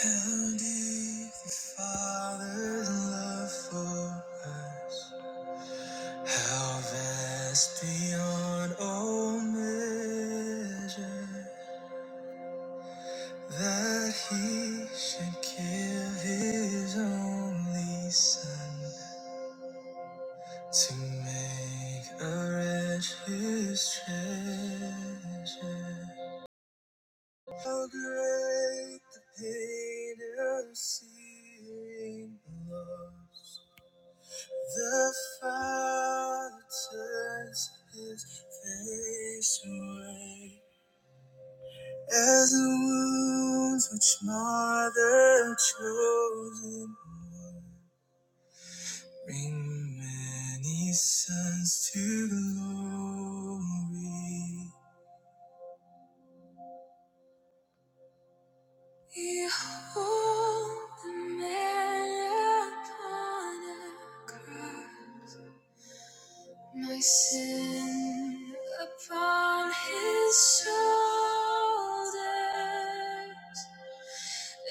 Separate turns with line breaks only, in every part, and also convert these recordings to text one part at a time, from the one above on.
How deep the Father's love for us, how vast beyond all measure, that He should give His only Son to make a wretch His treasure. How great the pain of seeing the lost! The Father turns his face away as the wounds which mar the chosen one bring many sons to glory. Behold the man upon a cross. My sin upon his shoulders,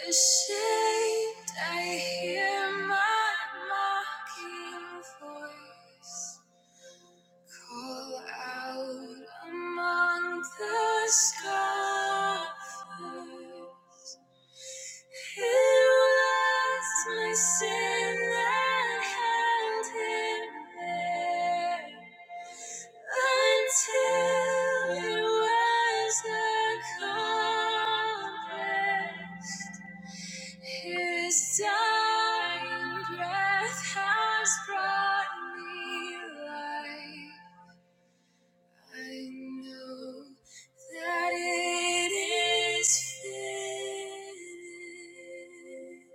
ashamed, I hear my mocking voice call out among the scoffers. Who lets my sin and hand him there? until it was accomplished. His dying breath has brought me life. I know that it is finished.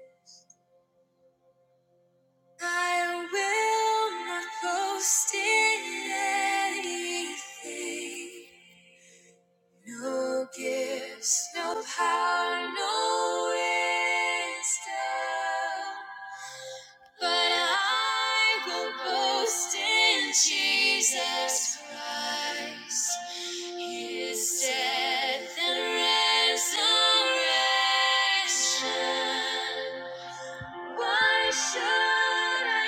I will not boast in anything. No gifts, no power, no wisdom. But I will boast in Jesus Christ, His death and resurrection. Why should I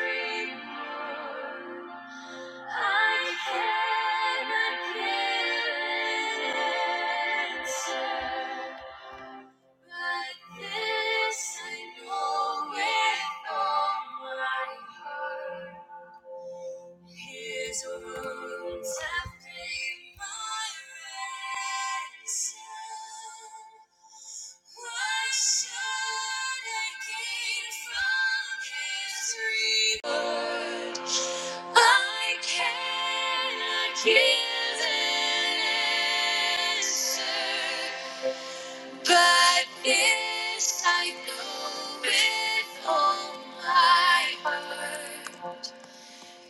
gain from His reward? I cannot give an answer. But this I know with all my heart. His wounds have been my ransom. Why should I gain from his reward? I cannot give an answer. But this I know with all my heart.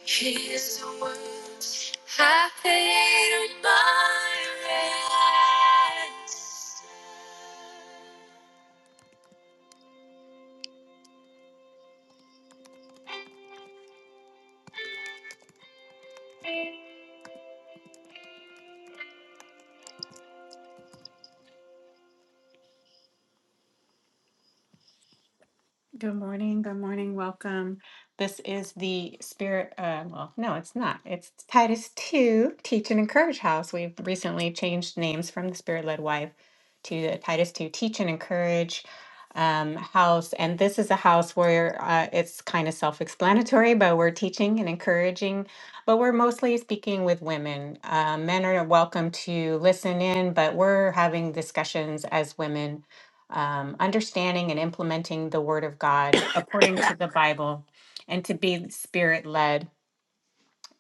His words have paid my ransom. Good morning. Good morning. Welcome. This is the spirit. Uh, well, no, it's not. It's Titus 2 Teach and Encourage House. We've recently changed names from the Spirit Led Wife to the Titus 2 Teach and Encourage um, House. And this is a house where uh, it's kind of self explanatory, but we're teaching and encouraging, but we're mostly speaking with women. Uh, men are welcome to listen in, but we're having discussions as women um, understanding and implementing the Word of God according to the Bible and to be Spirit led.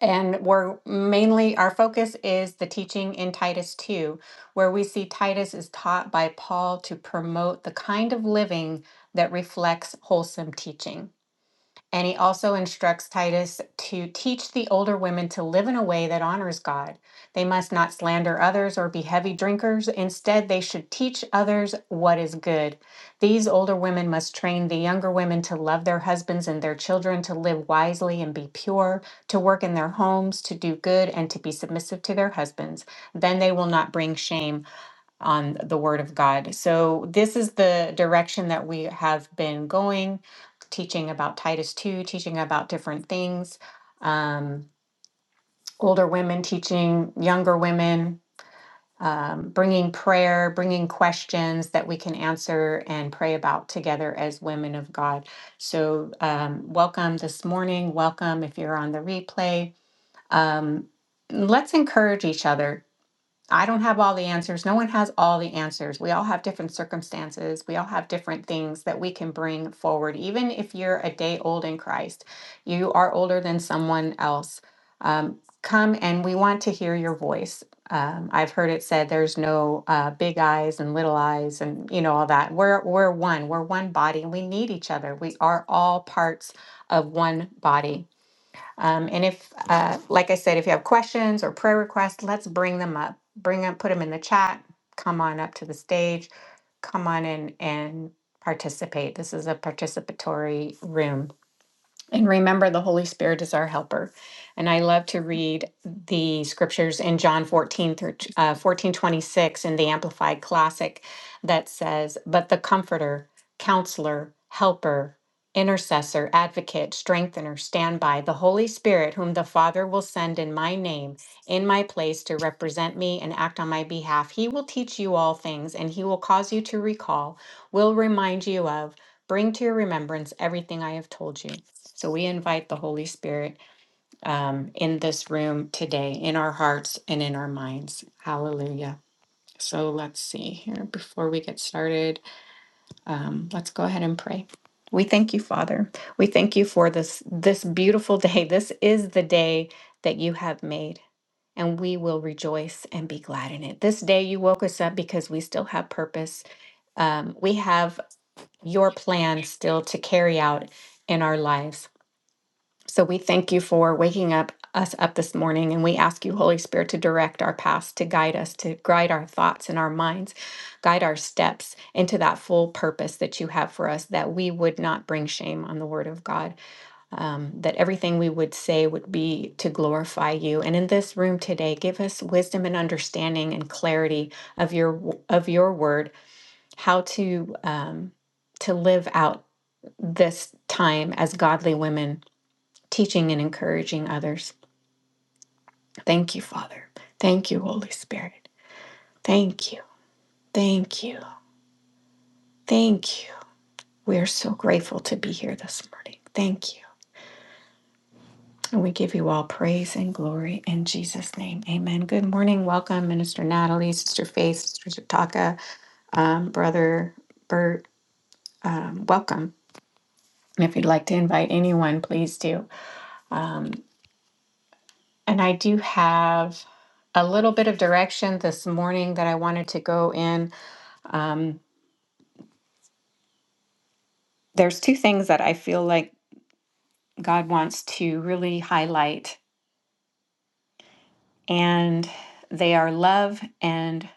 And we're mainly, our focus is the teaching in Titus 2, where we see Titus is taught by Paul to promote the kind of living that reflects wholesome teaching. And he also instructs Titus to teach the older women to live in a way that honors God. They must not slander others or be heavy drinkers. Instead, they should teach others what is good. These older women must train the younger women to love their husbands and their children, to live wisely and be pure, to work in their homes, to do good, and to be submissive to their husbands. Then they will not bring shame on the Word of God. So, this is the direction that we have been going, teaching about Titus 2, teaching about different things, um, older women teaching younger women, um, bringing prayer, bringing questions that we can answer and pray about together as women of God. So, um, welcome this morning. Welcome if you're on the replay. Um, let's encourage each other I don't have all the answers. No one has all the answers. We all have different circumstances. We all have different things that we can bring forward. Even if you're a day old in Christ, you are older than someone else. Um, come and we want to hear your voice. Um, I've heard it said there's no uh, big eyes and little eyes and you know all that. We're we're one. We're one body and we need each other. We are all parts of one body. Um, and if, uh, like I said, if you have questions or prayer requests, let's bring them up. Bring up, put them in the chat. Come on up to the stage. Come on in and participate. This is a participatory room. And remember, the Holy Spirit is our helper. And I love to read the scriptures in John 14 through uh, 14 twenty-six in the Amplified Classic that says, But the comforter, counselor, helper, intercessor, advocate, strengthener, standby, the Holy Spirit, whom the Father will send in my name, in my place to represent me and act on my behalf, he will teach you all things and he will cause you to recall, will remind you of, bring to your remembrance everything I have told you. So we invite the Holy Spirit um, in this room today, in our hearts and in our minds. Hallelujah. So let's see here before we get started. Um, let's go ahead and pray. We thank you, Father. We thank you for this this beautiful day. This is the day that you have made, and we will rejoice and be glad in it. This day you woke us up because we still have purpose. Um, we have your plan still to carry out in our lives. So we thank you for waking up us up this morning and we ask you Holy Spirit to direct our paths, to guide us, to guide our thoughts and our minds, guide our steps into that full purpose that you have for us that we would not bring shame on the word of God, um, that everything we would say would be to glorify you. And in this room today, give us wisdom and understanding and clarity of your of your word, how to um, to live out this time as godly women teaching and encouraging others. Thank you, Father. Thank you, Holy Spirit. Thank you. Thank you. Thank you. We are so grateful to be here this morning. Thank you. And we give you all praise and glory in Jesus' name. Amen. Good morning. Welcome, Minister Natalie, Sister Faith, Sister Taka, um, Brother Bert. Um, welcome. And if you'd like to invite anyone, please do. Um, and I do have a little bit of direction this morning that I wanted to go in. Um, there's two things that I feel like God wants to really highlight, and they are love and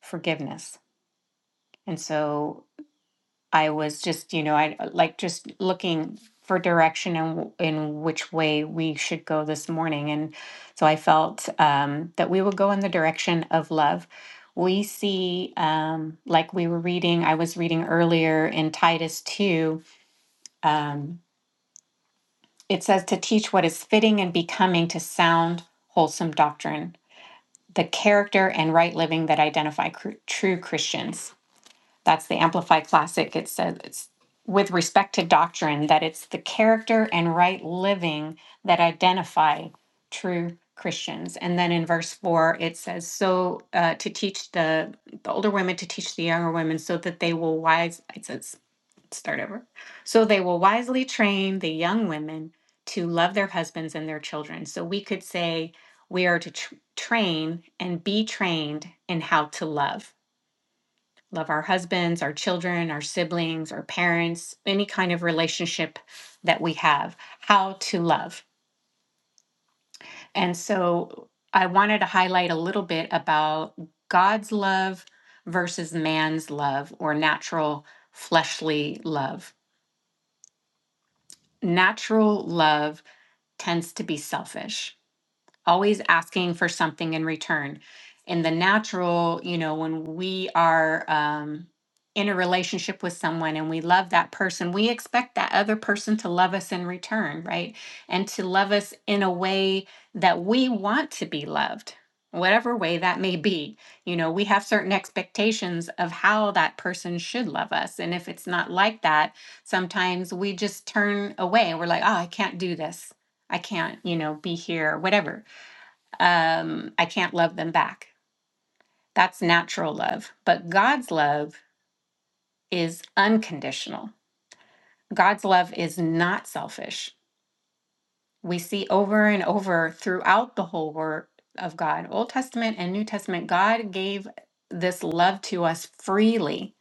forgiveness. And so I was just, you know, I like just looking for direction in, in which way we should go this morning. And so I felt um, that we would go in the direction of love. We see, um, like we were reading, I was reading earlier in Titus 2, um, It says to teach what is fitting and becoming to sound, wholesome doctrine, the character and right living that identify cr- true Christians. That's the Amplify Classic. It says it's with respect to doctrine that it's the character and right living that identify true Christians. And then in verse four, it says, "So uh, to teach the the older women to teach the younger women, so that they will wise." It says start over. So they will wisely train the young women to love their husbands and their children. So we could say we are to tr- train and be trained in how to love. Love our husbands, our children, our siblings, our parents, any kind of relationship that we have, how to love. And so I wanted to highlight a little bit about God's love versus man's love or natural fleshly love. Natural love tends to be selfish always asking for something in return. In the natural, you know, when we are um, in a relationship with someone and we love that person, we expect that other person to love us in return, right? And to love us in a way that we want to be loved, whatever way that may be. You know, we have certain expectations of how that person should love us. And if it's not like that, sometimes we just turn away. We're like, oh, I can't do this. I can't, you know, be here, or whatever um, I can't love them back. That's natural love. But God's love is unconditional. God's love is not selfish. We see over and over throughout the whole word of God, Old Testament and New Testament, God gave this love to us freely.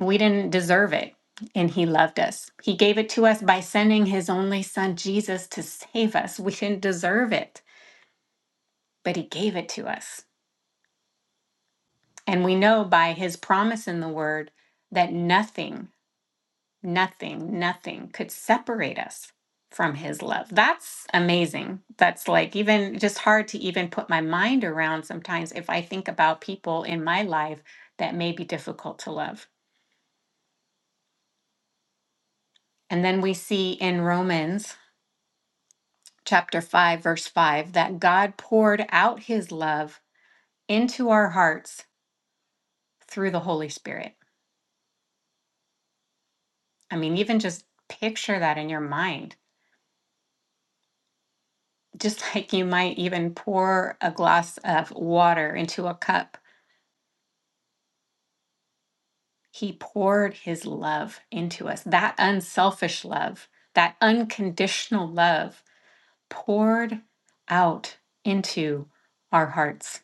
We didn't deserve it, and He loved us. He gave it to us by sending His only Son, Jesus, to save us. We didn't deserve it, but He gave it to us. And we know by his promise in the word that nothing, nothing, nothing could separate us from his love. That's amazing. That's like even just hard to even put my mind around sometimes if I think about people in my life that may be difficult to love. And then we see in Romans chapter 5, verse 5, that God poured out his love into our hearts through the Holy Spirit. I mean, even just picture that in your mind just like you might even pour a glass of water into a cup, he poured his love into us. That unselfish love, that unconditional love poured out into our hearts.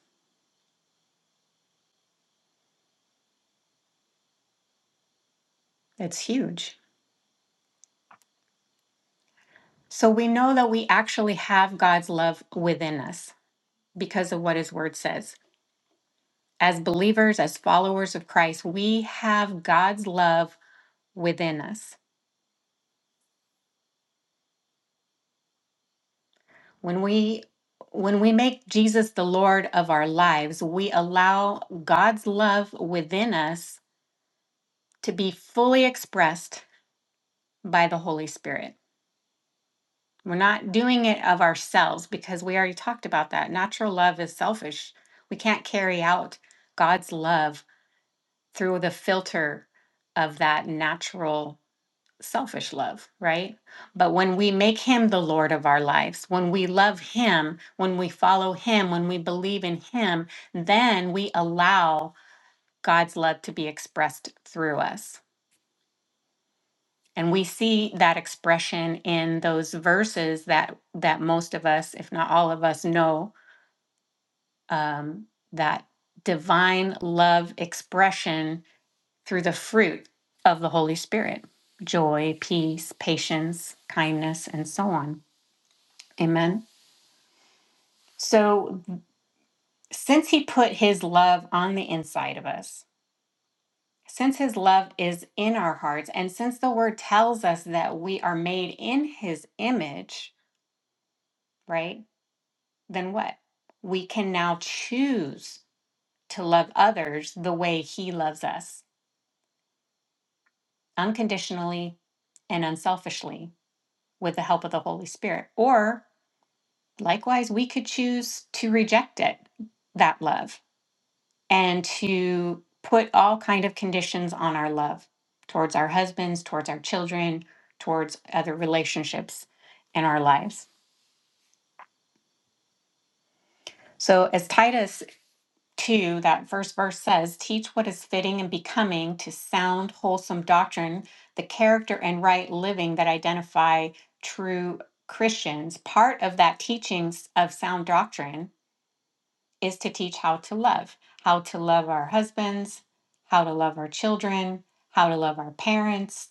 It's huge. So we know that we actually have God's love within us because of what his word says. As believers, as followers of Christ, we have God's love within us. When we when we make Jesus the Lord of our lives, we allow God's love within us to be fully expressed by the Holy Spirit. We're not doing it of ourselves because we already talked about that. Natural love is selfish. We can't carry out God's love through the filter of that natural selfish love, right? But when we make him the Lord of our lives, when we love him, when we follow him, when we believe in him, then we allow God's love to be expressed through us. And we see that expression in those verses that that most of us, if not all of us, know um, that divine love expression through the fruit of the Holy Spirit: joy, peace, patience, kindness, and so on. Amen. So, since He put His love on the inside of us, since His love is in our hearts, and since the Word tells us that we are made in His image, right? Then what? We can now choose to love others the way He loves us, unconditionally and unselfishly, with the help of the Holy Spirit. Or likewise, we could choose to reject it, that love and to put all kind of conditions on our love towards our husbands towards our children towards other relationships in our lives so as titus 2 that first verse says teach what is fitting and becoming to sound wholesome doctrine the character and right living that identify true christians part of that teachings of sound doctrine is to teach how to love, how to love our husbands, how to love our children, how to love our parents,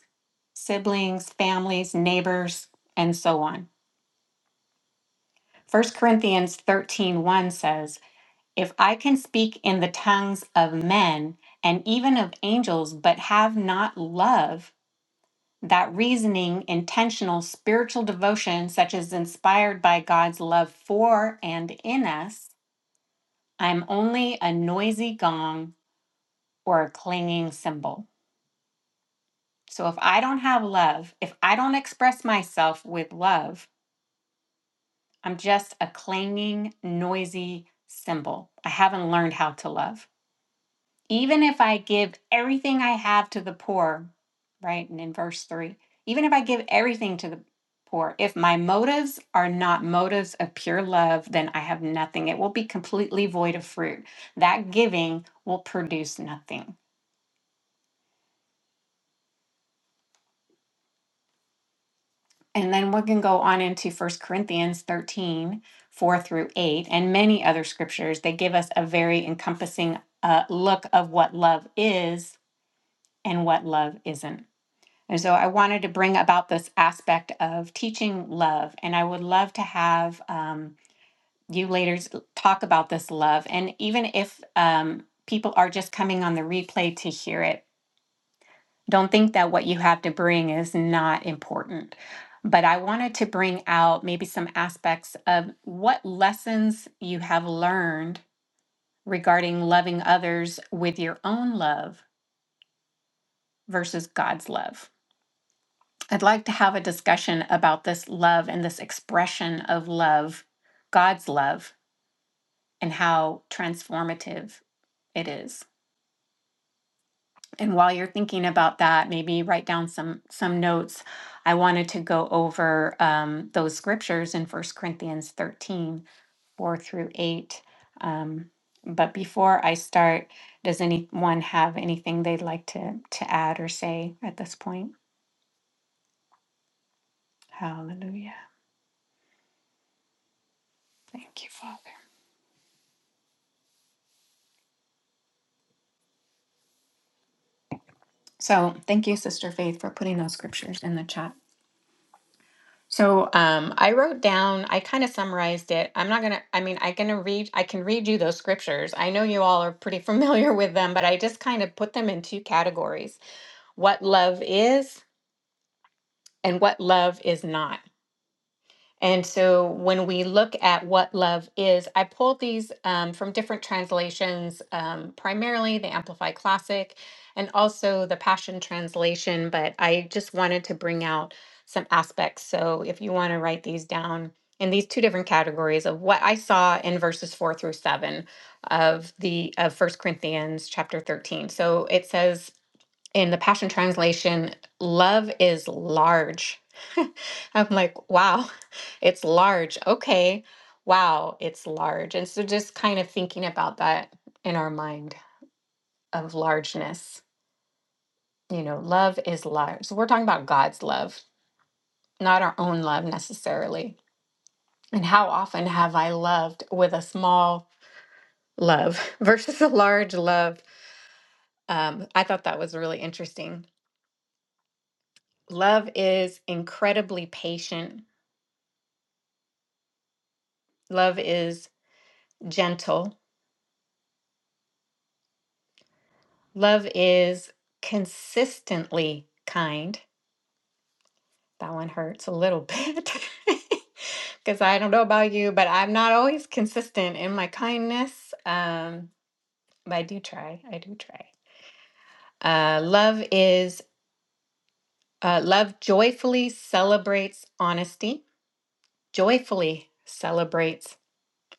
siblings, families, neighbors, and so on. First Corinthians thirteen one says, If I can speak in the tongues of men and even of angels, but have not love, that reasoning, intentional spiritual devotion, such as inspired by God's love for and in us, I'm only a noisy gong or a clinging symbol. So if I don't have love, if I don't express myself with love, I'm just a clinging, noisy symbol. I haven't learned how to love. Even if I give everything I have to the poor, right? And in verse three, even if I give everything to the poor, if my motives are not motives of pure love, then I have nothing. It will be completely void of fruit. That giving will produce nothing. And then we can go on into First Corinthians 13 4 through 8, and many other scriptures. They give us a very encompassing uh, look of what love is and what love isn't. And so I wanted to bring about this aspect of teaching love. And I would love to have um, you leaders talk about this love. And even if um, people are just coming on the replay to hear it, don't think that what you have to bring is not important. But I wanted to bring out maybe some aspects of what lessons you have learned regarding loving others with your own love versus God's love. I'd like to have a discussion about this love and this expression of love, God's love, and how transformative it is. And while you're thinking about that, maybe write down some some notes. I wanted to go over um, those scriptures in First Corinthians 13 4 through 8. Um, but before I start, does anyone have anything they'd like to, to add or say at this point? Hallelujah. Thank you, Father. So thank you, Sister Faith, for putting those scriptures in the chat. So um, I wrote down, I kind of summarized it. I'm not gonna, I mean, I gonna read, I can read you those scriptures. I know you all are pretty familiar with them, but I just kind of put them in two categories: what love is and what love is not. And so when we look at what love is, I pulled these um, from different translations, um, primarily the Amplify Classic and also the Passion Translation, but I just wanted to bring out some aspects. So if you want to write these down in these two different categories of what I saw in verses four through seven of the of First Corinthians chapter 13. So it says in the Passion Translation, love is large. I'm like, wow, it's large. Okay, wow, it's large. And so just kind of thinking about that in our mind of largeness, you know, love is large. So we're talking about God's love, not our own love necessarily. And how often have I loved with a small love versus a large love? Um, I thought that was really interesting. Love is incredibly patient Love is gentle. Love is consistently kind. That one hurts a little bit because I don't know about you, but I'm not always consistent in my kindness. Um, but I do try. I do try. Uh, love is uh, love joyfully celebrates honesty. Joyfully celebrates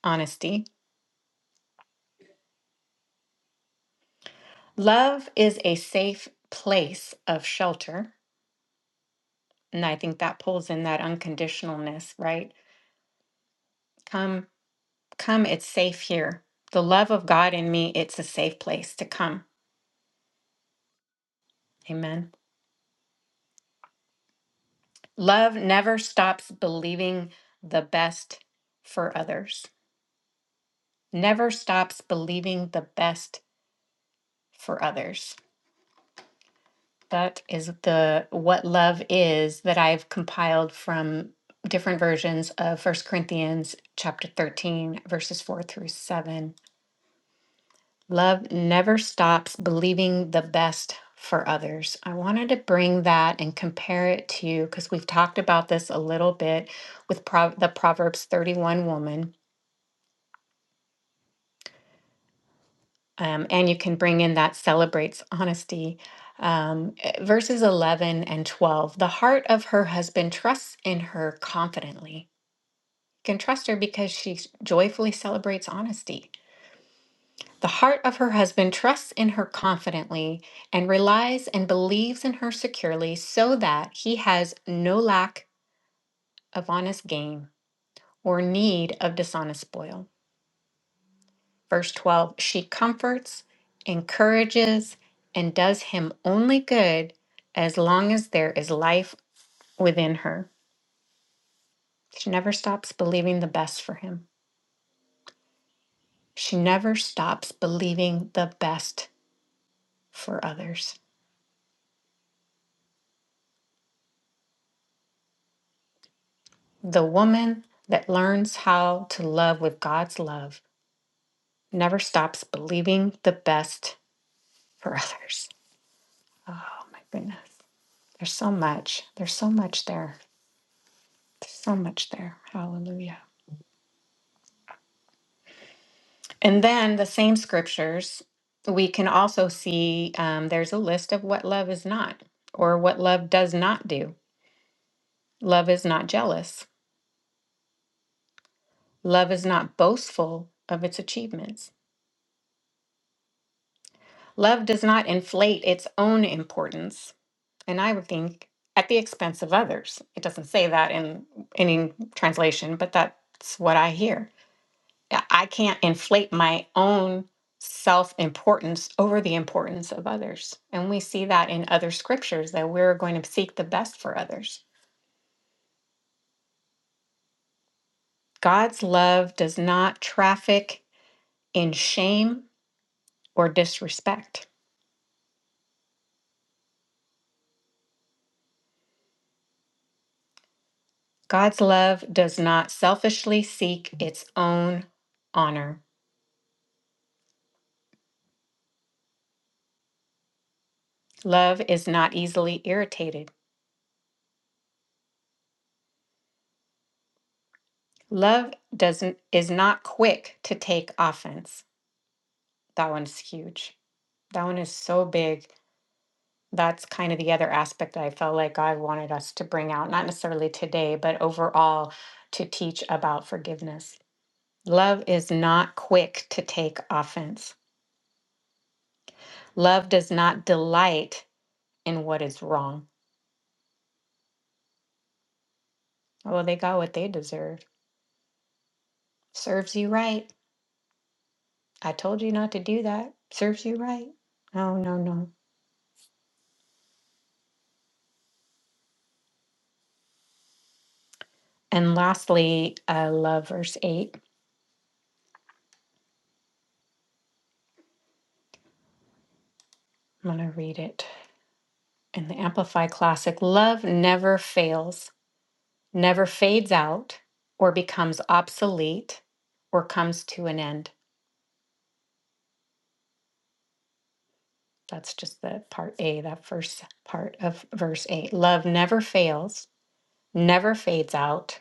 honesty. Love is a safe place of shelter. And I think that pulls in that unconditionalness, right? Come, come, it's safe here. The love of God in me, it's a safe place to come. Amen. Love never stops believing the best for others, never stops believing the best for others. That is the what love is that I've compiled from different versions of First Corinthians chapter 13 verses 4 through 7 Love never stops believing the best for others. I wanted to bring that and compare it to, because we've talked about this a little bit with Pro- the Proverbs 31 woman, um, and you can bring in that celebrates honesty. Um, eh, verses 11 and 12 The heart of her husband trusts in her confidently. You can trust her because she joyfully celebrates honesty. The heart of her husband trusts in her confidently and relies and believes in her securely so that he has no lack of honest gain or need of dishonest spoil. Verse 12 She comforts, encourages, and does him only good as long as there is life within her. She never stops believing the best for him. She never stops believing the best for others. The woman that learns how to love with God's love never stops believing the best for others. Oh my goodness. There's so much. There's so much there. There's so much there. Hallelujah. And then the same scriptures, we can also see um, there's a list of what love is not or what love does not do. Love is not jealous. Love is not boastful of its achievements. Love does not inflate its own importance. and I would think at the expense of others. It doesn't say that in any translation, but that's what I hear. I I can't inflate my own self importance over the importance of others. And we see that in other scriptures that we're going to seek the best for others. God's love does not traffic in shame or disrespect. God's love does not selfishly seek its own honor. Love is not easily irritated. Love doesn't is not quick to take offense. That one's huge. That one is so big. That's kind of the other aspect I felt like God wanted us to bring out, not necessarily today, but overall to teach about forgiveness. Love is not quick to take offense. Love does not delight in what is wrong. Oh, they got what they deserved. Serves you right. I told you not to do that. Serves you right. No, no, no. And lastly, uh, love verse 8. I'm going to read it in the Amplify Classic. Love never fails, never fades out, or becomes obsolete, or comes to an end. That's just the part A, that first part of verse 8. Love never fails, never fades out,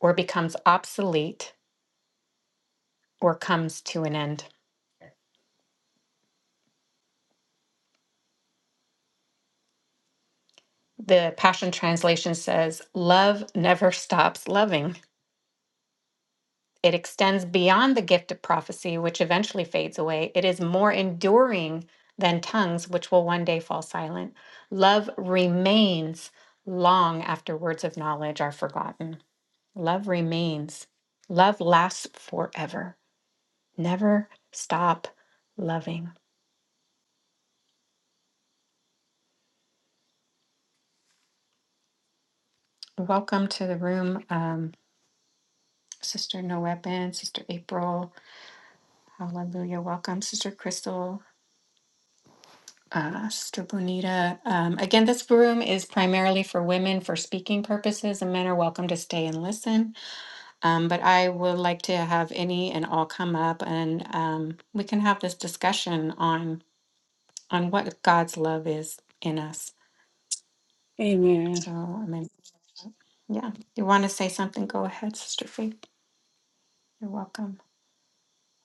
or becomes obsolete, or comes to an end. The Passion Translation says, Love never stops loving. It extends beyond the gift of prophecy, which eventually fades away. It is more enduring than tongues, which will one day fall silent. Love remains long after words of knowledge are forgotten. Love remains. Love lasts forever. Never stop loving. Welcome to the room, um, Sister No Weapon, Sister April. Hallelujah. Welcome, Sister Crystal. Uh, Sister Bonita, um, again, this room is primarily for women for speaking purposes, and men are welcome to stay and listen. Um, but I would like to have any and all come up, and um, we can have this discussion on on what God's love is in us.
Amen.
So, I mean, yeah, you want to say something? Go ahead, Sister Faith. You're welcome,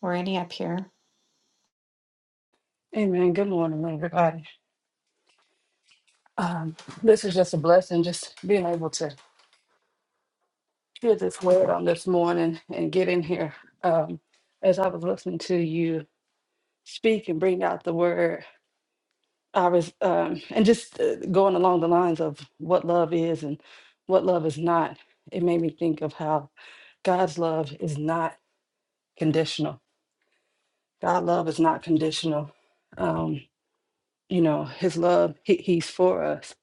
or any up here.
Amen. Good morning, everybody. Um, this is just a blessing, just being able to hear this word on this morning and get in here. Um, as I was listening to you speak and bring out the word, I was, um, and just uh, going along the lines of what love is and what love is not, it made me think of how God's love is not conditional. God love is not conditional. Um, you know, his love, he, he's for us.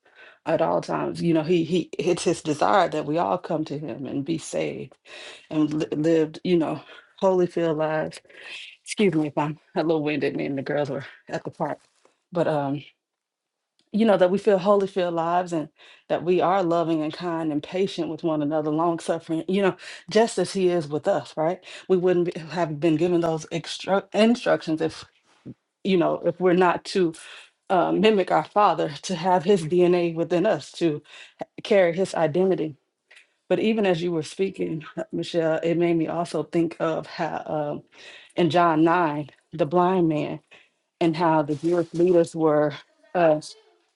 at all times. You know, he he it's his desire that we all come to him and be saved and li- lived, you know, holy filled lives. Excuse me if I'm a little winded. Me and the girls were at the park, but um, you know that we feel holy filled lives and that we are loving and kind and patient with one another, long suffering. You know, just as he is with us, right? We wouldn't be, have been given those extra instructions if. You know, if we're not to uh, mimic our Father, to have His DNA within us, to carry His identity But even as you were speaking, Michelle, it made me also think of how um, in John 9, the blind man, and how the Jewish leaders were, uh,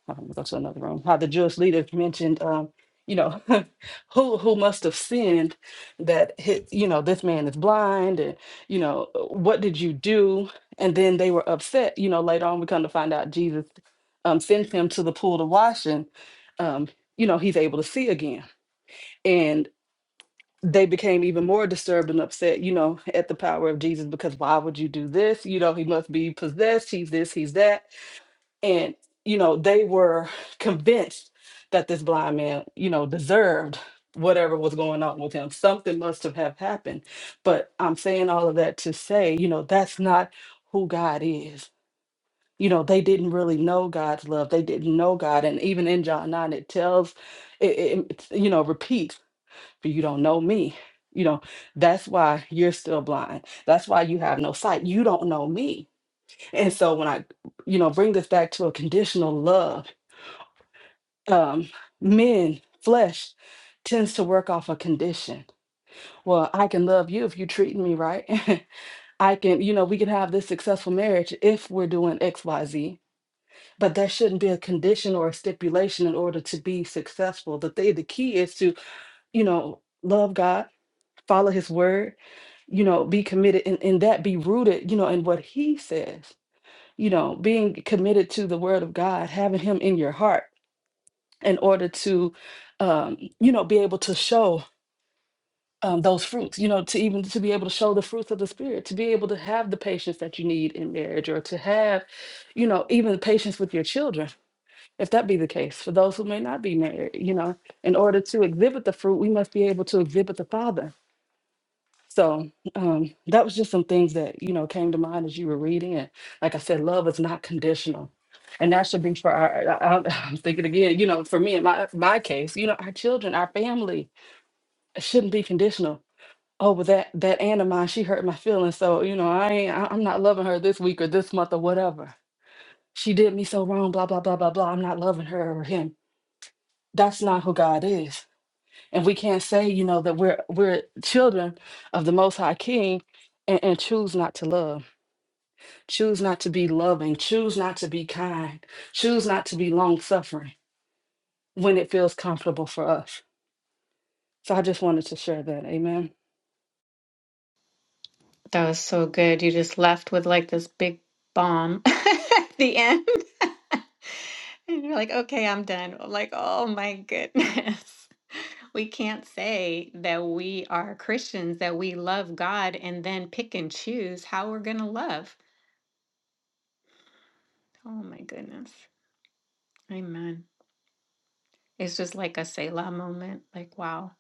I'm going to go to another room, how the Jewish leaders mentioned, um, you know, who who must have sinned that, hit, you know, this man is blind and, you know, what did you do? And then they were upset. You know, later on, we come to find out Jesus um, sends him to the pool to wash and, um, you know, he's able to see again. and they became even more disturbed and upset, you know, at the power of Jesus because why would you do this? You know, he must be possessed. He's this, he's that. And, you know, they were convinced that this blind man, you know, deserved whatever was going on with him. Something must have have happened. But I'm saying all of that to say, you know, that's not who God is. You know, they didn't really know God's love. They didn't know God. And even in John 9, it tells, it, it it, you know, repeats but you don't know me. You know, that's why you're still blind. That's why you have no sight. You don't know me. And so when I, you know, bring this back to a conditional love, um, men, flesh tends to work off a condition. Well, I can love you if you treat me right. I can, you know, we can have this successful marriage if we're doing XYZ, but there shouldn't be a condition or a stipulation in order to be successful. The thing, the key is to, you know, love God follow his word, you know, be committed and, and that be rooted, you know, in what he says, you know, being committed to the word of God, having him in your heart in order to, um, you know, be able to show um, those fruits, you know, to even to be able to show the fruits of the spirit, to be able to have the patience that you need in marriage or to have, you know, even patience with your children, if that be the case, for those who may not be married, you know, in order to exhibit the fruit, we must be able to exhibit the father So um, that was just some things that you know came to mind as you were reading. And like I said, love is not conditional, and that should be for our. I, I- I'm thinking again, you know, for me in my my case, you know, our children, our family shouldn't be conditional. Oh, well, that that aunt of mine, she hurt my feelings, so you know, I ain't, I- I'm not loving her this week or this month or whatever. She did me so wrong, blah blah blah blah blah. I'm not loving her or him. That's not who God is. And we can't say, you know, that we're we're children of the Most High King and, and choose not to love, choose not to be loving, choose not to be kind, choose not to be long suffering when it feels comfortable for us. So I just wanted to share that. Amen.
That was so good. You just left with like this big bomb at the end. And you're like, okay, I'm done. I'm like, oh my goodness. We can't say that we are Christians, that we love God, and then pick and choose how we're going to love. Oh my goodness. Amen. It's just like a Selah moment. Like, wow.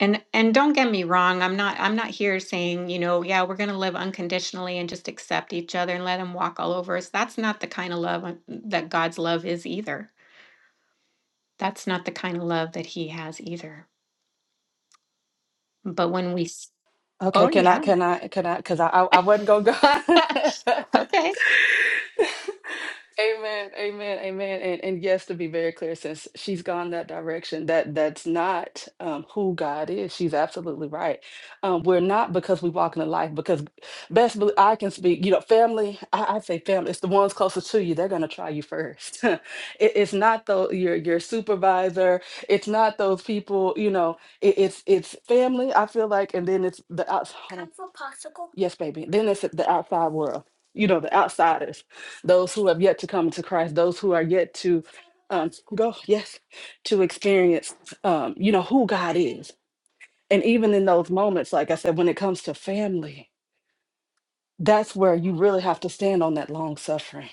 And and don't get me wrong, I'm not I'm not here saying, you know, yeah, we're going to live unconditionally and just accept each other and let him walk all over us. That's not the kind of love uh, that God's love is either. That's not the kind of love that he has either. But when we Oh,
Okay, can I
yeah.
can I can I because I, I I wasn't gonna go
okay.
Amen, amen, amen. And and yes, to be very clear, since she's gone that direction, that that's not um, who God is. She's absolutely right. Um, we're not because we walk in the life, because best bel- I can speak, you know, family, I, I say family, it's the ones closest to you. They're gonna try you first. It- it's not though your your supervisor, it's not those people, you know, it, it's it's family, I feel like, and then it's the outside. Yes, baby. Then it's the outside world, you know, the outsiders those who have yet to come to Christ, those who are yet to um, go, yes, to experience, um, you know, who God is. And even in those moments, like I said, when it comes to family, that's where you really have to stand on that long suffering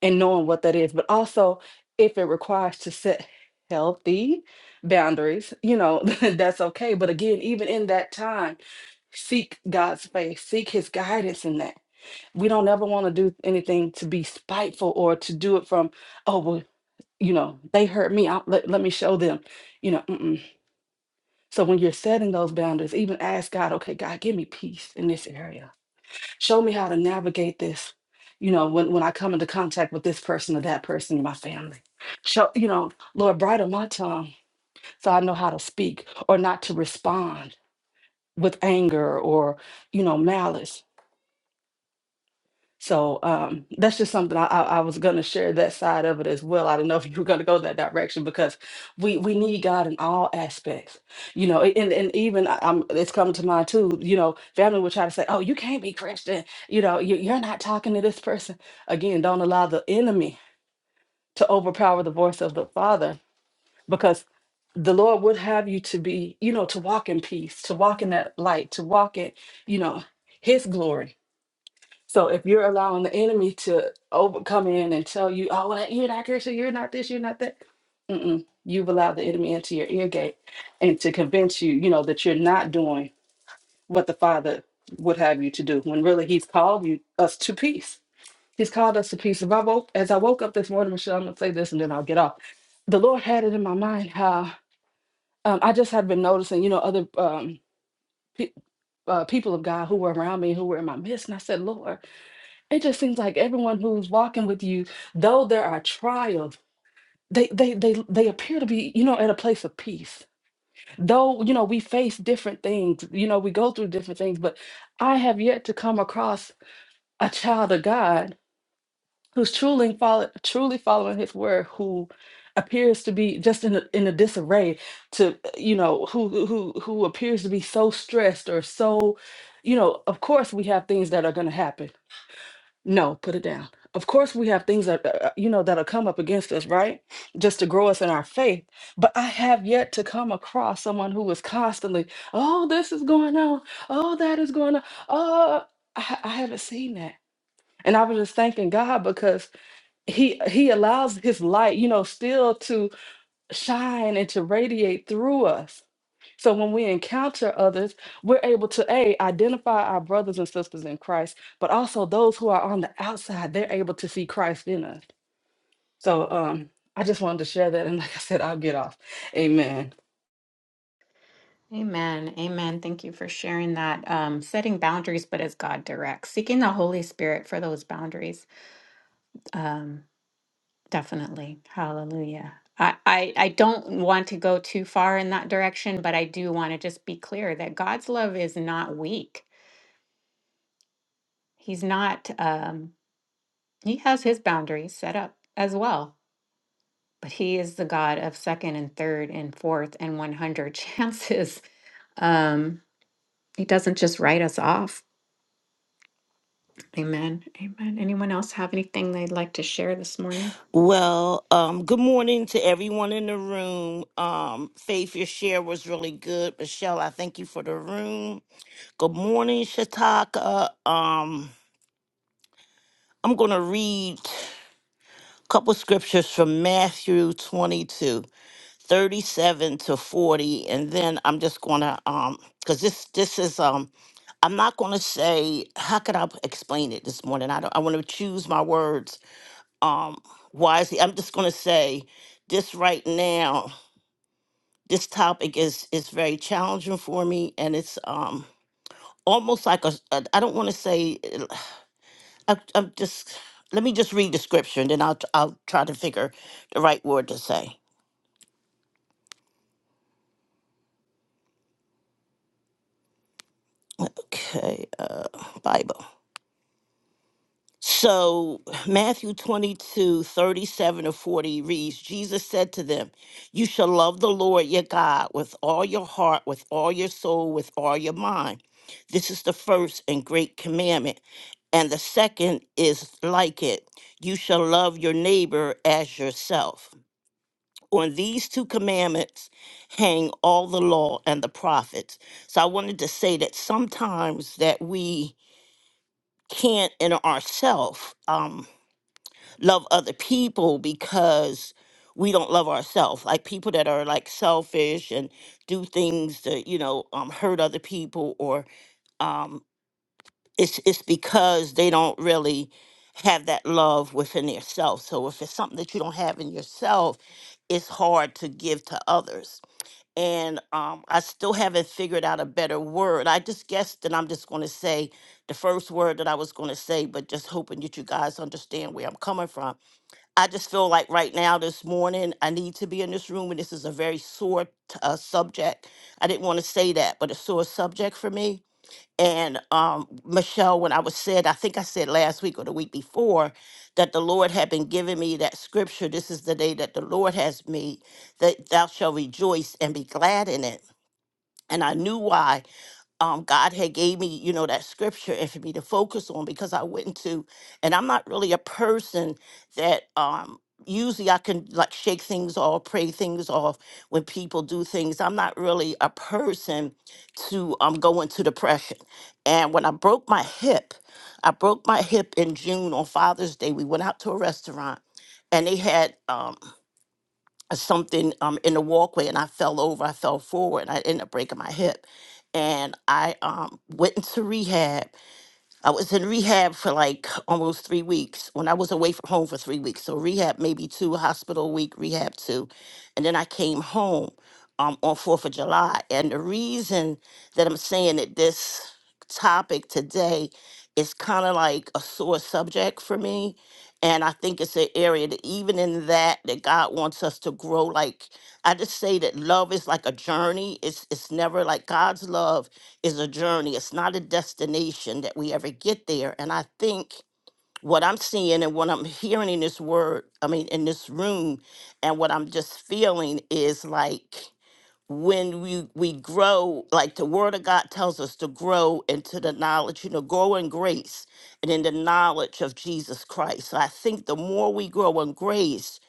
and knowing what that is. But also, if it requires to set healthy boundaries, you know, that's okay. But again, even in that time, seek God's face, seek His guidance in that we don't ever want to do anything to be spiteful or to do it from oh well you know they hurt me I, let, let me show them you know mm-mm. so when you're setting those boundaries even ask god okay god give me peace in this area show me how to navigate this you know when, when i come into contact with this person or that person in my family show you know lord bridle my tongue so i know how to speak or not to respond with anger or you know malice So um, that's just something I, I, I was going to share that side of it as well. I do not know if you were going to go that direction because we we need God in all aspects, you know. And and even I- I'm, it's coming to mind too. You know, family will try to say, "Oh, you can't be Christian," you know, you, you're not talking to this person. Again, don't allow the enemy to overpower the voice of the Father because the Lord would have you to be, you know, to walk in peace, to walk in that light, to walk in, you know, His glory so if you're allowing the enemy to over come in and tell you, oh, well, you're not Christian, you're not this, you're not that, mm-mm. you've allowed the enemy into your ear gate and to convince you, you know, that you're not doing what the Father would have you to do. When really He's called you us to peace. He's called us to peace. If I woke as I woke up this morning, Michelle, I'm gonna say this and then I'll get off. The Lord had it in my mind how um, I just had been noticing, you know, other um, pe- uh, people of God who were around me, who were in my midst, and I said, Lord. It just seems like everyone who's walking with you, though there are trials, they they they they appear to be, you know, at a place of peace. Though, you know, we face different things, you know, we go through different things, but I have yet to come across a child of God who's truly follow, truly following his word, who appears to be just in a, in a disarray to, you know, who who who who appears to be so stressed or so, you know, of course we have things that are going to happen no, put it down. Of course, we have things that, uh, uh, you know, that'll come up against us, right? Just to grow us in our faith. But I have yet to come across someone who was constantly, oh, this is going on. Oh, that is going on. Oh, I, ha- I haven't seen that. And I was just thanking God because he he allows his light, you know, still to shine and to radiate through us. So when we encounter others, we're able to a identify our brothers and sisters in Christ, but also those who are on the outside, they're able to see Christ in us. So um, I just wanted to share that, and like I said, I'll get off. Amen.
Amen. Amen. Thank you for sharing that. Um, setting boundaries, but as God directs, seeking the Holy Spirit for those boundaries. Um, definitely. Hallelujah. I, I, I don't want to go too far in that direction, but I do want to just be clear that God's love is not weak. He's not, um, he has his boundaries set up as well, but he is the God of second and third and fourth and 100 chances. Um, He doesn't just write us off. Amen. Amen. Anyone else have anything they'd like to share this morning?
Well, um, good morning to everyone in the room. Um, Faith, your share was really good. Michelle, I thank you for the room. Good morning, Shataka. Um, I'm going to read a couple scriptures from Matthew 22, 37 to 40, and then I'm just going to, um, because this this is um, I'm not going to say how could I explain it this morning. I don't. I want to choose my words um wisely. I'm just gonna say this right now, this topic is is very challenging for me and it's um almost like a a- I don't want to say I, I'm just let me just read the scripture and then I'll I'll try to figure the right word to say. Okay, uh Bible. So Matthew twenty two thirty seven 37 to 40 reads, Jesus said to them, You shall love the Lord your God with all your heart, with all your soul, with all your mind. This is the first and great commandment. And the second is like it. You shall love your neighbor as yourself. On these two commandments hang all the law and the prophets. So I wanted to say that sometimes that we can't in ourselves love other people because we don't love ourselves. Like people that are like selfish and do things that you know um, hurt other people, or um, it's it's because they don't really have that love within themselves. So if it's something that you don't have in yourself, it's hard to give to others. And um, I still haven't figured out a better word. I just guessed that I'm just going to say the first word that I was going to say, but just hoping that you guys understand where I'm coming from I just feel like right now, this morning, I need to be in this room, and this is a very sore t- uh, subject. I didn't want to say that, but a sore subject for me. And um, Michelle, when I was said, I think I said last week or the week before, that the Lord had been giving me that scripture. This is the day that the Lord has made, that thou shalt rejoice and be glad in it. And I knew why um, God had gave me, you know, that scripture and for me to focus on because I went into, and I'm not really a person that um, usually I can like shake things off, pray things off when people do things. I'm not really a person to um, go into depression. And when I broke my hip, I broke my hip in June on Father's Day. We went out to a restaurant and they had um, something um, in the walkway and I fell over. I fell forward and I ended up breaking my hip. And I um, went into rehab I was in rehab for like almost three weeks when I was away from home for three weeks. So rehab maybe two, hospital a week, rehab two. And then I came home um, on 4th of July. And the reason that I'm saying that this topic today is kind of like a sore subject for me. And I think it's an area that even in that that God wants us to grow. Like I just say that love is like a journey. It's it's never like God's love is a journey. It's not a destination that we ever get there. And I think what I'm seeing and what I'm hearing in this word, I mean, in this room, and what I'm just feeling is like when we we grow like the word of god tells us to grow into the knowledge you know grow in grace and in the knowledge of jesus christ so i think the more we grow in grace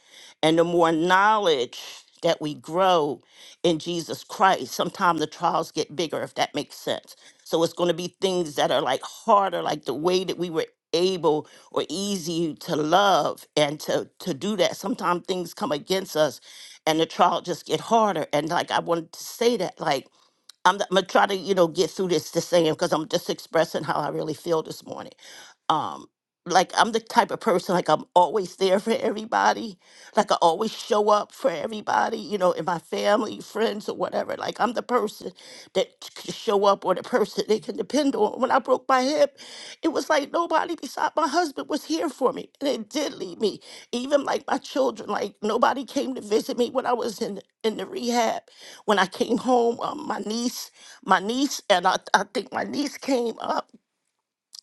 and the more knowledge that we grow in jesus christ sometimes the trials get bigger if that makes sense so it's going to be things that are like harder like the way that we were able or easy to love and to to do that sometimes things come against us and the trial just get harder. And like I wanted to say that, like I'm, I'm gonna try to you know get through this this saying because I'm just expressing how I really feel this morning um like I'm the type of person like I'm always there for everybody. Like I always show up for everybody, you know, in my family, friends or whatever. Like I'm the person that c- can show up or the person they can depend on. When I broke my hip, it was like nobody beside my husband was here for me. And it did leave me. Even like my children, like nobody came to visit me when I was in in the rehab. When I came home, um, my niece, my niece and I, I think my niece came up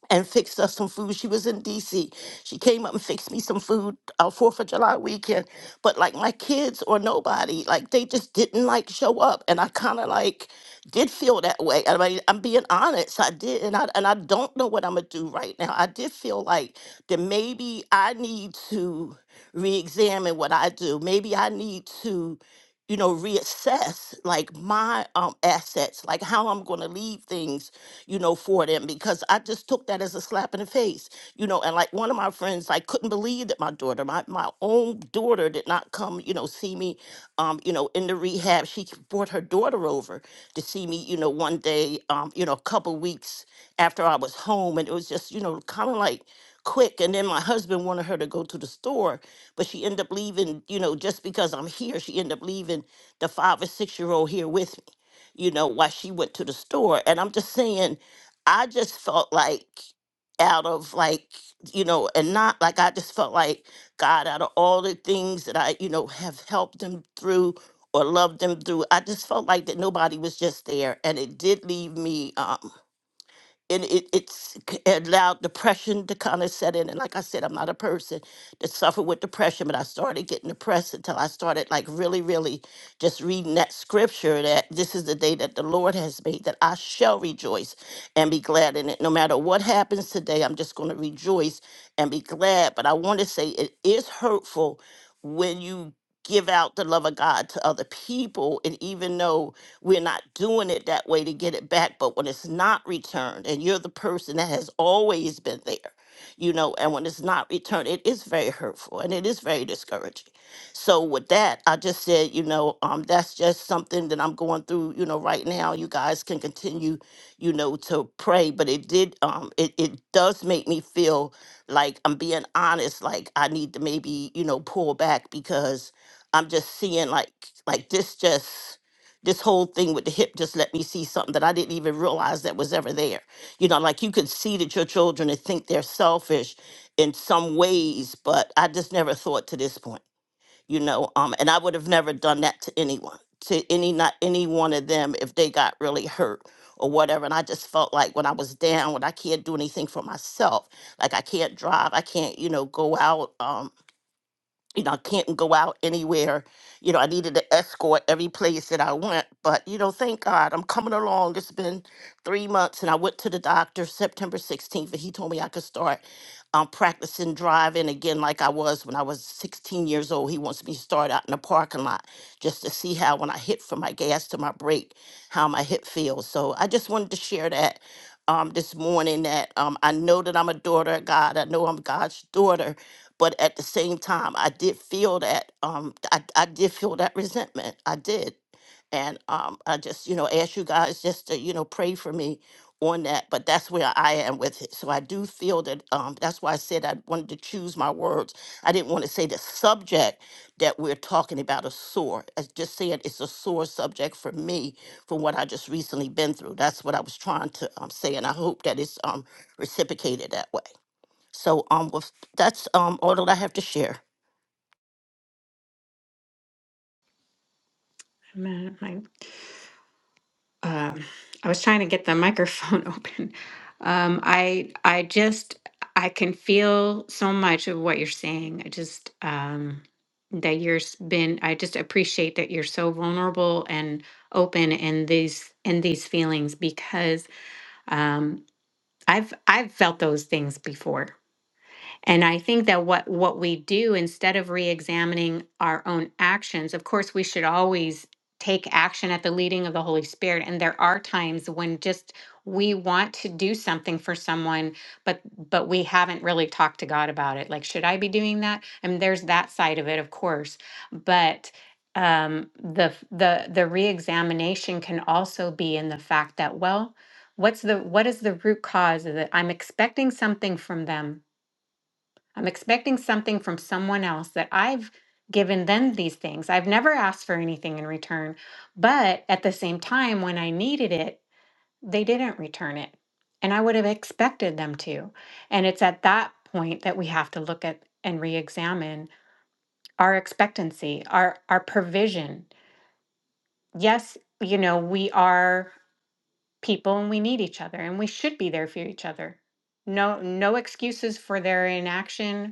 and fixed us some food. She was in DC. She came up and fixed me some food uh, Fourth of July weekend. But like my kids or nobody, like they just didn't like show up, and I kind of like did feel that way. I mean, I'm being honest. I did, and I and I don't know what I'm gonna do right now. I did feel like that maybe I need to re-examine what I do. Maybe I need to you know reassess like my um assets like how i'm going to leave things you know for them because i just took that as a slap in the face you know and like one of my friends like couldn't believe that my daughter my, my own daughter did not come you know see me um you know in the rehab she brought her daughter over to see me you know one day um you know a couple weeks after i was home and it was just you know kind of like quick and then my husband wanted her to go to the store but she ended up leaving you know just because i'm here she ended up leaving the five or six year old here with me you know while she went to the store and i'm just saying i just felt like out of like you know and not like i just felt like god out of all the things that i you know have helped them through or loved them through i just felt like that nobody was just there and it did leave me um and it, it's c- it allowed depression to kind of set in. And like I said, I'm not a person that suffered with depression, but I started getting depressed until I started like really, really just reading that scripture that this is the day that the Lord has made, that I shall rejoice and be glad in it. No matter what happens today, I'm just going to rejoice and be glad. But I want to say it is hurtful when you give out the love of God to other people. And even though we're not doing it that way to get it back. But when it's not returned, and you're the person that has always been there, you know, and when it's not returned, it is very hurtful and it is very discouraging. So with that, I just said, you know, um, that's just something that I'm going through, you know, right now. You guys can continue, you know, to pray, but it did, um, it it does make me feel like I'm being honest, like I need to maybe, you know, pull back because I'm just seeing like like this just this whole thing with the hip just let me see something that I didn't even realize that was ever there. You know, like you could see that your children and think they're selfish in some ways, but I just never thought to this point, you know, um, and I would have never done that to anyone, to any, not any one of them if they got really hurt or whatever. And I just felt like when I was down, when I can't do anything for myself, like I can't drive, I can't, you know, go out. um, you know, I can't go out anywhere. You know, I needed an escort every place that I went. But, you know, thank God I'm coming along. It's been three months and I went to the doctor September 16th and he told me I could start um, practicing driving again like I was when I was 16 years old. He wants me to start out in the parking lot just to see how when I hit from my gas to my brake, how my hip feels. So I just wanted to share that um, this morning that um, I know that I'm a daughter of God. I know I'm God's daughter but at the same time, I did feel that um, I, I did feel that resentment. I did, and um, I just you know ask you guys just to you know pray for me on that. But that's where I am with it. So I do feel that um, that's why I said I wanted to choose my words. I didn't want to say the subject that we're talking about is sore. I just said it's a sore subject for me from what I just recently been through. That's what I was trying to um, say, and I hope that it's um, reciprocated that way. So um, with, that's um all that I have to share.
Amen. I, um, I was trying to get the microphone open. Um, I I just I can feel so much of what you're saying. I just um, that you're s- been. I just appreciate that you're so vulnerable and open in these in these feelings because um, I've I've felt those things before. And I think that what what we do instead of re-examining our own actions, of course, we should always take action at the leading of the Holy Spirit. And there are times when just we want to do something for someone, but but we haven't really talked to God about it. Like, should I be doing that? I mean, there's that side of it, of course, but um the f- the the re-examination can also be in the fact that well what's the what is the root cause of it i'm expecting something from them I'm expecting something from someone else that I've given them these things. I've never asked for anything in return. But at the same time, when I needed it, they didn't return it. And I would have expected them to. And it's at that point that we have to look at and re examine our expectancy, our, our provision. Yes, you know, we are people and we need each other and we should be there for each other. No, no excuses for their inaction,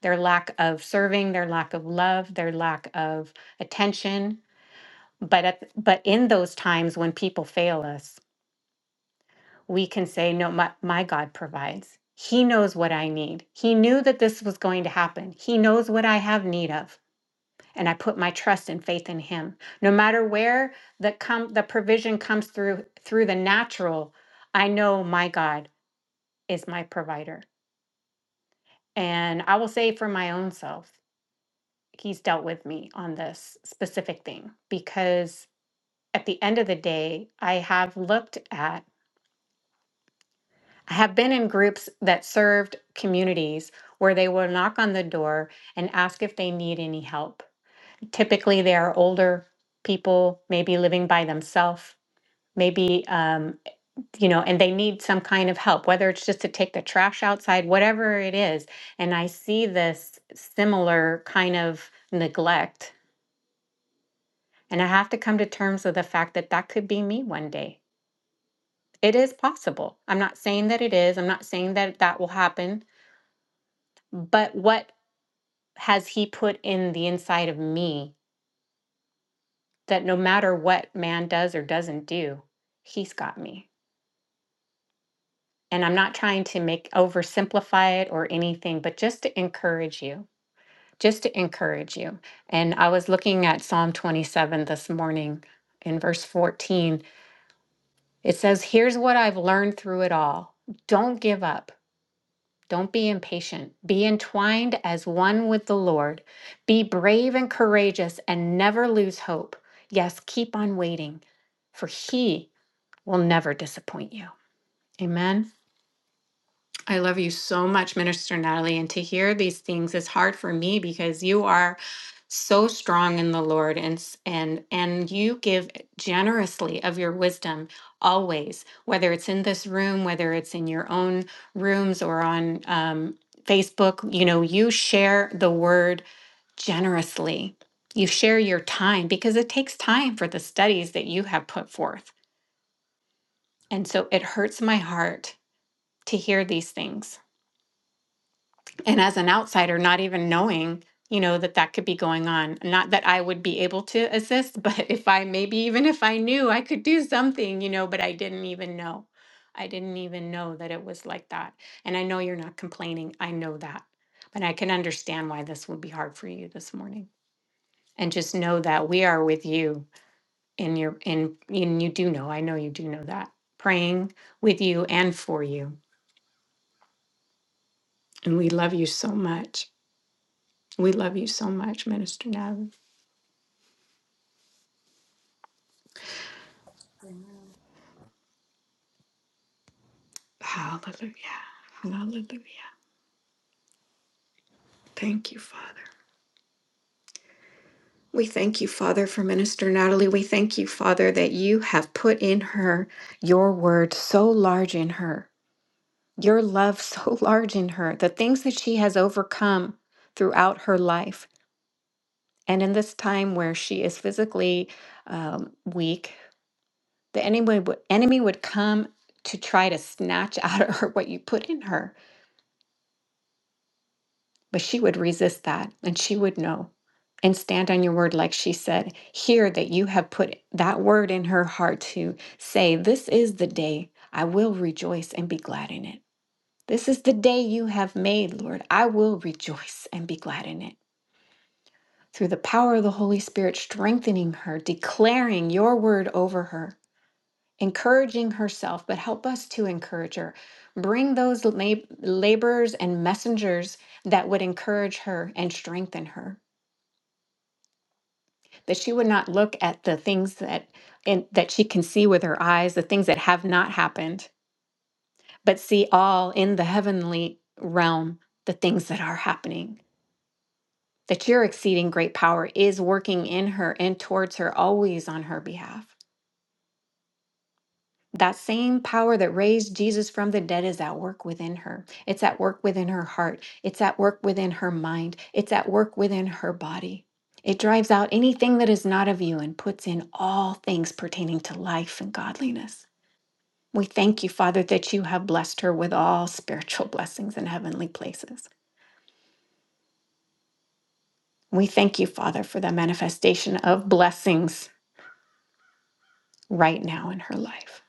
their lack of serving, their lack of love, their lack of attention. But at, but in those times when people fail us, we can say, "No, my, my God provides. He knows what I need. He knew that this was going to happen. He knows what I have need of." And I put my trust and faith in him. No matter where the come the provision comes through through the natural, I know my God is my provider. And I will say for my own self. he's dealt with me on this specific thing because at the end of the day, I have looked at, I have been in groups that served communities where they will knock on the door and ask if they need any help. Typically, they are older people, maybe living by themselves, maybe, um, you know, and they need some kind of help, whether it's just to take the trash outside, whatever it is. And I see this similar kind of neglect And I have to come to terms with the fact that that could be me one day. It is possible. I'm not saying that it is. I'm not saying that that will happen. But what has he put in the inside of me that no matter what man does or doesn't do, he's got me? And I'm not trying to make oversimplify it or anything, but just to encourage you, just to encourage you. And I was looking at Psalm 27 this morning in verse 14 It says, Here's what I've learned through it all. Don't give up. Don't be impatient. Be entwined as one with the Lord. Be brave and courageous and never lose hope. Yes, keep on waiting, for He will never disappoint you. Amen. I love you so much, Minister Natalie. And to hear these things is hard for me because you are so strong in the Lord and s- and and you give generously of your wisdom always, whether it's in this room, whether it's in your own rooms or on um, Facebook. You know, you share the word generously. You share your time because it takes time for the studies that you have put forth. And so it hurts my heart to hear these things and as an outsider not even knowing you know that that could be going on not that i would be able to assist but if i maybe even if i knew i could do something you know but i didn't even know i didn't even know that it was like that and i know you're not complaining i know that but i can understand why this would be hard for you this morning and just know that we are with you in your in and you do know i know you do know that praying with you and for you and we love you so much we love you so much minister natalie Hallelujah. Hallelujah. Thank you, Father. We thank you, Father, for Minister Natalie. We thank you, Father, that you have put in her your word so large in her, your love so large in her, the things that she has overcome throughout her life. And in this time where she is physically um, weak, the enemy would, enemy would come to try to snatch out of her what you put in her. But she would resist that and she would know and stand on your word, like she said, Hear that you have put that word in her heart to say, This is the day I will rejoice and be glad in it. This is the day you have made, Lord. I will rejoice and be glad in it. Through the power of the Holy Spirit, strengthening her, declaring your word over her, encouraging herself, but help us to encourage her. Bring those lab- laborers and messengers that would encourage her and strengthen her. that she would not look at the things that and that she can see with her eyes the things that have not happened but see all in the heavenly realm the things that are happening that your exceeding great power is working in her and towards her always on her behalf That same power that raised Jesus from the dead is at work within her. It's at work within her heart. It's at work within her mind. It's at work within her body. It drives out anything that is not of you and puts in all things pertaining to life and godliness. We thank you, Father, that you have blessed her with all spiritual blessings in heavenly places. We thank you, Father, for the manifestation of blessings right now in her life.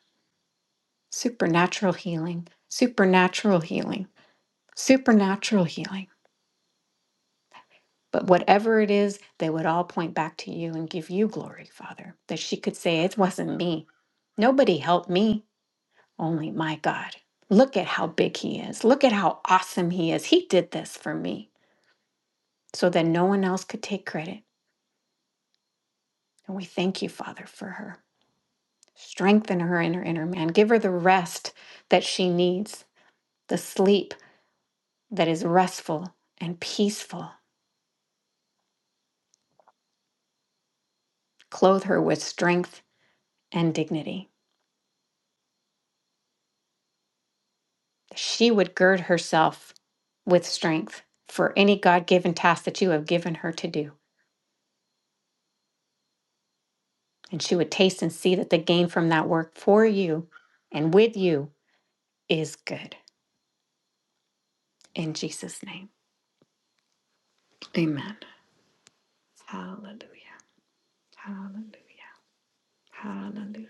Supernatural healing, supernatural healing, supernatural healing. But whatever it is, they would all point back to you and give you glory, Father, that she could say, It wasn't me. Nobody helped me, only my God. Look at how big He is. Look at how awesome He is. He did this for me so that no one else could take credit. And we thank you, Father, for her. Strengthen her in her inner man. Give her the rest that she needs, the sleep that is restful and peaceful. Clothe her with strength and dignity. she would gird herself with strength for any God given task that you have given her to do. And she would taste and see that the gain from that work for you and with you is good. In Jesus' name, amen. Hallelujah. Hallelujah. Hallelujah.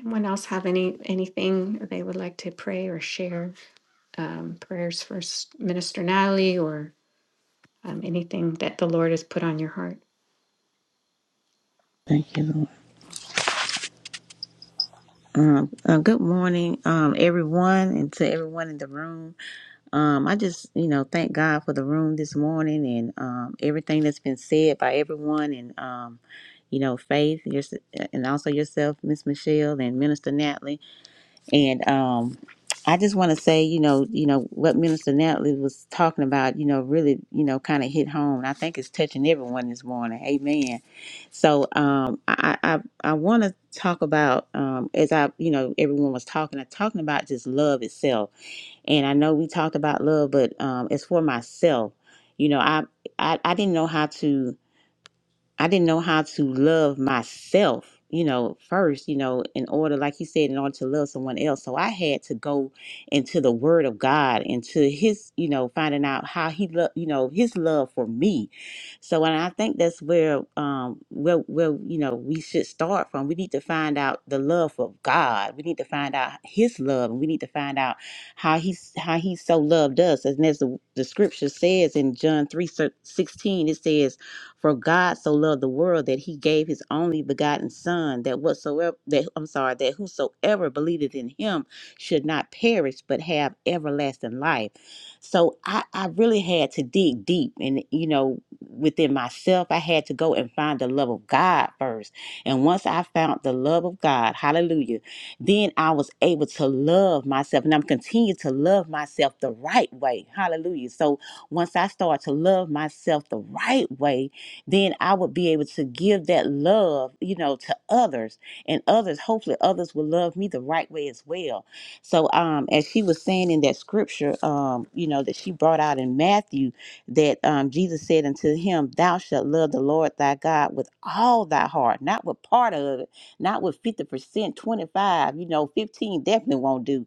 anyone else have any anything they would like to pray or share? Um, prayers for S- Minister Natalie or um, anything that the Lord has put on your heart?
Thank you, Lord. Um, uh, good morning, um, everyone, and to everyone in the room. Um, I just, you know, thank God for the room this morning and um, everything that's been said by everyone, and um, you know, Faith, your, and also yourself, Miss Michelle, and Minister Natalie. And um, I just want to say, you know, you know what Minister Natalie was talking about, you know, really, you know, kind of hit home. And I think it's touching everyone this morning. Amen. So um, I I I want to talk about um, as I, you know, everyone was talking, I talking about just love itself. And I know we talked about love, but um, as for myself, you know, I I, I didn't know how to. I didn't know how to love myself, you know, first, you know, in order, like you said, in order to love someone else. So I had to go into the Word of God, into His, you know, finding out how He loved, you know, His love for me. So, and I think that's where, um, where, where, you know, we should start from. We need to find out the love of God. We need to find out His love, and we need to find out how He's how He so loved us, and as the, the Scripture says in John three sixteen, it says for God so loved the world that he gave his only begotten son that whatsoever that I'm sorry, that whosoever believeth in him should not perish but have everlasting life. So I, I really had to dig deep and you know, within myself, I had to go and find the love of God first. And once I found the love of God, hallelujah, then I was able to love myself and I'm continuing to love myself the right way. Hallelujah. So once I start to love myself the right way, then I would be able to give that love, you know, to others and others, hopefully others will love me the right way as well. So um as she was saying in that scripture, um, you know, that she brought out in Matthew that um Jesus said unto him, Thou shalt love the Lord thy God with all thy heart, not with part of it, not with 50%, 25, you know, 15 definitely won't do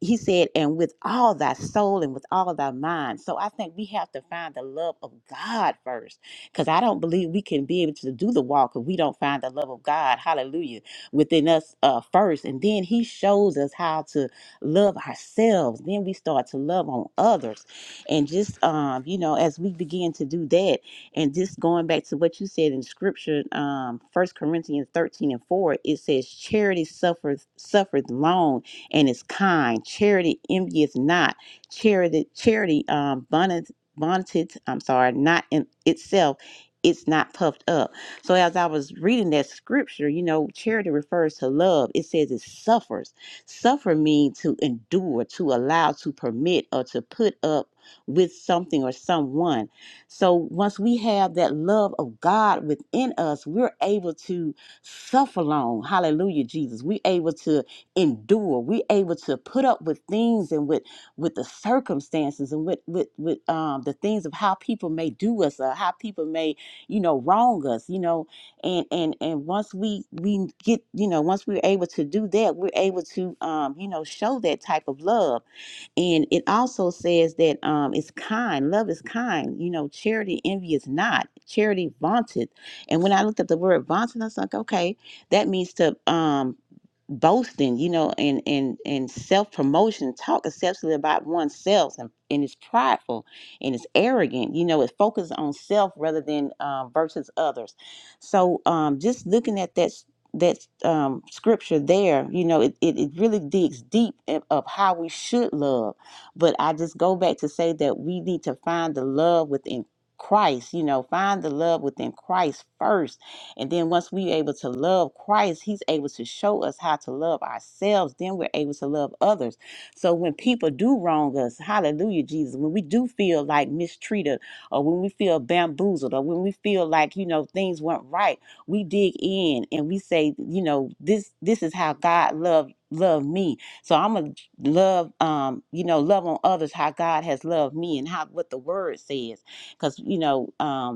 he said, and with all thy soul and with all thy mind. So I think we have to find the love of God first because I don't believe we can be able to do the walk if we don't find the love of God, hallelujah, within us uh, first. And then He shows us how to love ourselves. Then we start to love on others. And just, um, you know, as we begin to do that, and just going back to what you said in scripture, um, First Corinthians 13 and 4, it says, Charity suffereth, suffereth long and is kind. Charity envieth not. Charity charity um bonnet bonneted, I'm sorry, not in itself. It's not puffed up. So as I was reading that scripture, you know, charity refers to love. It says it suffers. Suffer means to endure, to allow, to permit, or to put up with something or someone. So once we have that love of God within us, we're able to suffer long. Hallelujah, Jesus. We're able to endure. We able to put up with things and with with the circumstances and with with with um the things of how people may do us or how people may you know wrong us. You know, and and and once we we get you know once we're able to do that, we're able to um you know show that type of love and it also says that um, it's kind. Love is kind. You know, charity envy is not. Charity vaunted. And when I looked up the word vaunted, I was like, okay, that means to um, boasting, you know, and and and self promotion, talk excessively about oneself, and, and it's prideful and it's arrogant. You know, it focuses on self rather than um, versus others. So, um, just looking at that that um, scripture there, you know, it, it, it really digs deep in- of how we should love. But I just go back to say that we need to find the love within Christ, you know, find the love within Christ first. And then once we're able to love Christ, He's able to show us how to love ourselves. Then we're able to love others. So when people do wrong us, hallelujah, Jesus, when we do feel like mistreated or when we feel bamboozled or when we feel like, you know, things weren't right we dig in and we say, you know, this this is how God loved loved me. So I'm gonna love um, you know, love on others how God has loved me and how what the word says. Cause you know, um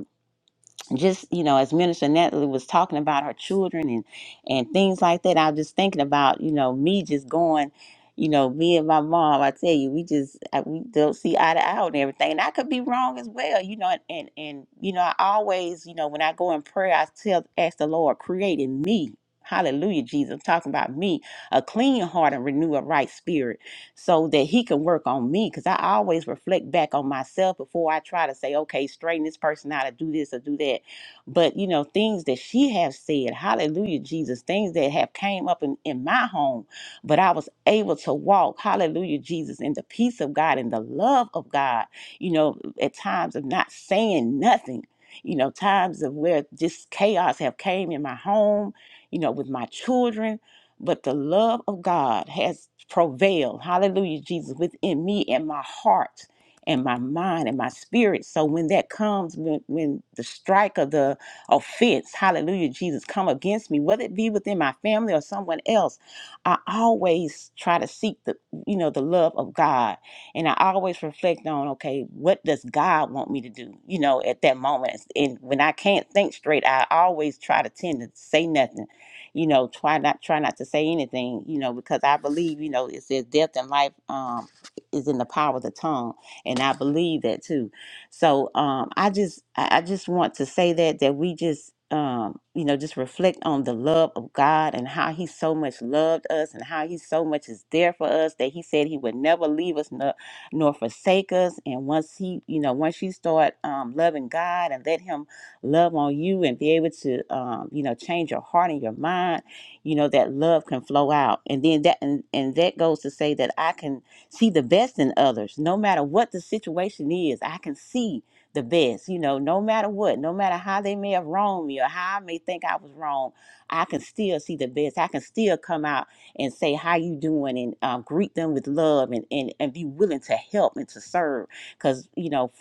just you know as minister natalie was talking about her children and and things like that i was just thinking about you know me just going you know me and my mom i tell you we just I, we don't see eye to eye on everything and i could be wrong as well you know and and, and you know i always you know when i go in prayer i tell ask the lord create in me hallelujah jesus i'm talking about me a clean heart and renew a right spirit so that he can work on me because i always reflect back on myself before i try to say okay straighten this person out or do this or do that but you know things that she have said hallelujah jesus things that have came up in, in my home but i was able to walk hallelujah jesus in the peace of god and the love of god you know at times of not saying nothing you know times of where just chaos have came in my home you know with my children but the love of god has prevailed hallelujah jesus within me and my heart and my mind and my spirit so when that comes when, when the strike of the offense, hallelujah, Jesus, come against me, whether it be within my family or someone else, I always try to seek the, you know, the love of God. And I always reflect on, okay, what does God want me to do, you know, at that moment? And when I can't think straight, I always try to tend to say nothing, you know, try not, try not to say anything, you know, because I believe, you know, it says death and life um, is in the power of the tongue. And I believe that too so um, I just I I just want to say that that we just um, you know just reflect on the love of God and how He so much loved us and how He so much is there for us that He said He would never leave us nor, nor forsake us. And once He you know once you start um, loving God and let Him love on you and be able to um, you know change your heart and your mind, you know that love can flow out. And then that and, and that goes to say that I can see the best in others. No matter what the situation is, I can see the best. You know, no matter what, no matter how they may have wronged me or how I may think I was wrong, I can still see the best. I can still come out and say how you doing and um, greet them with love and, and and be willing to help and to serve. Because you know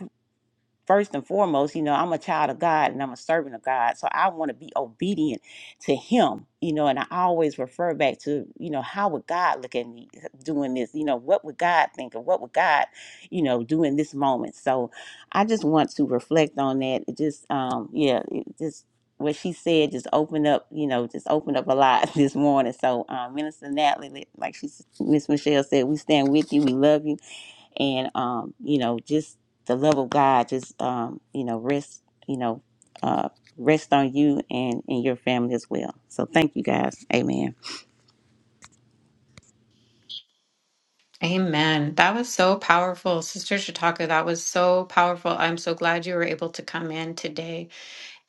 first and foremost, you know, I'm a child of God and I'm a servant of God. So I want to be obedient to Him, you know, and I always refer back to, you know, how would God look at me uh, doing this? You know, what would God think of? What would God, you know, do in this moment? So I just want to reflect on that. It just, um, yeah, it just what she said just opened up, you know, just opened up a lot this morning. So, um, Minister Natalie, like she, Miss Michelle said, we stand with you. We love you and um, you know, just the love of God, just um, you know, rest, you know, uh, rest on you and and your family as well. So thank you guys. Amen.
Amen. That was so powerful. Sister Chautauqua, that was so powerful. I'm so glad you were able to come in today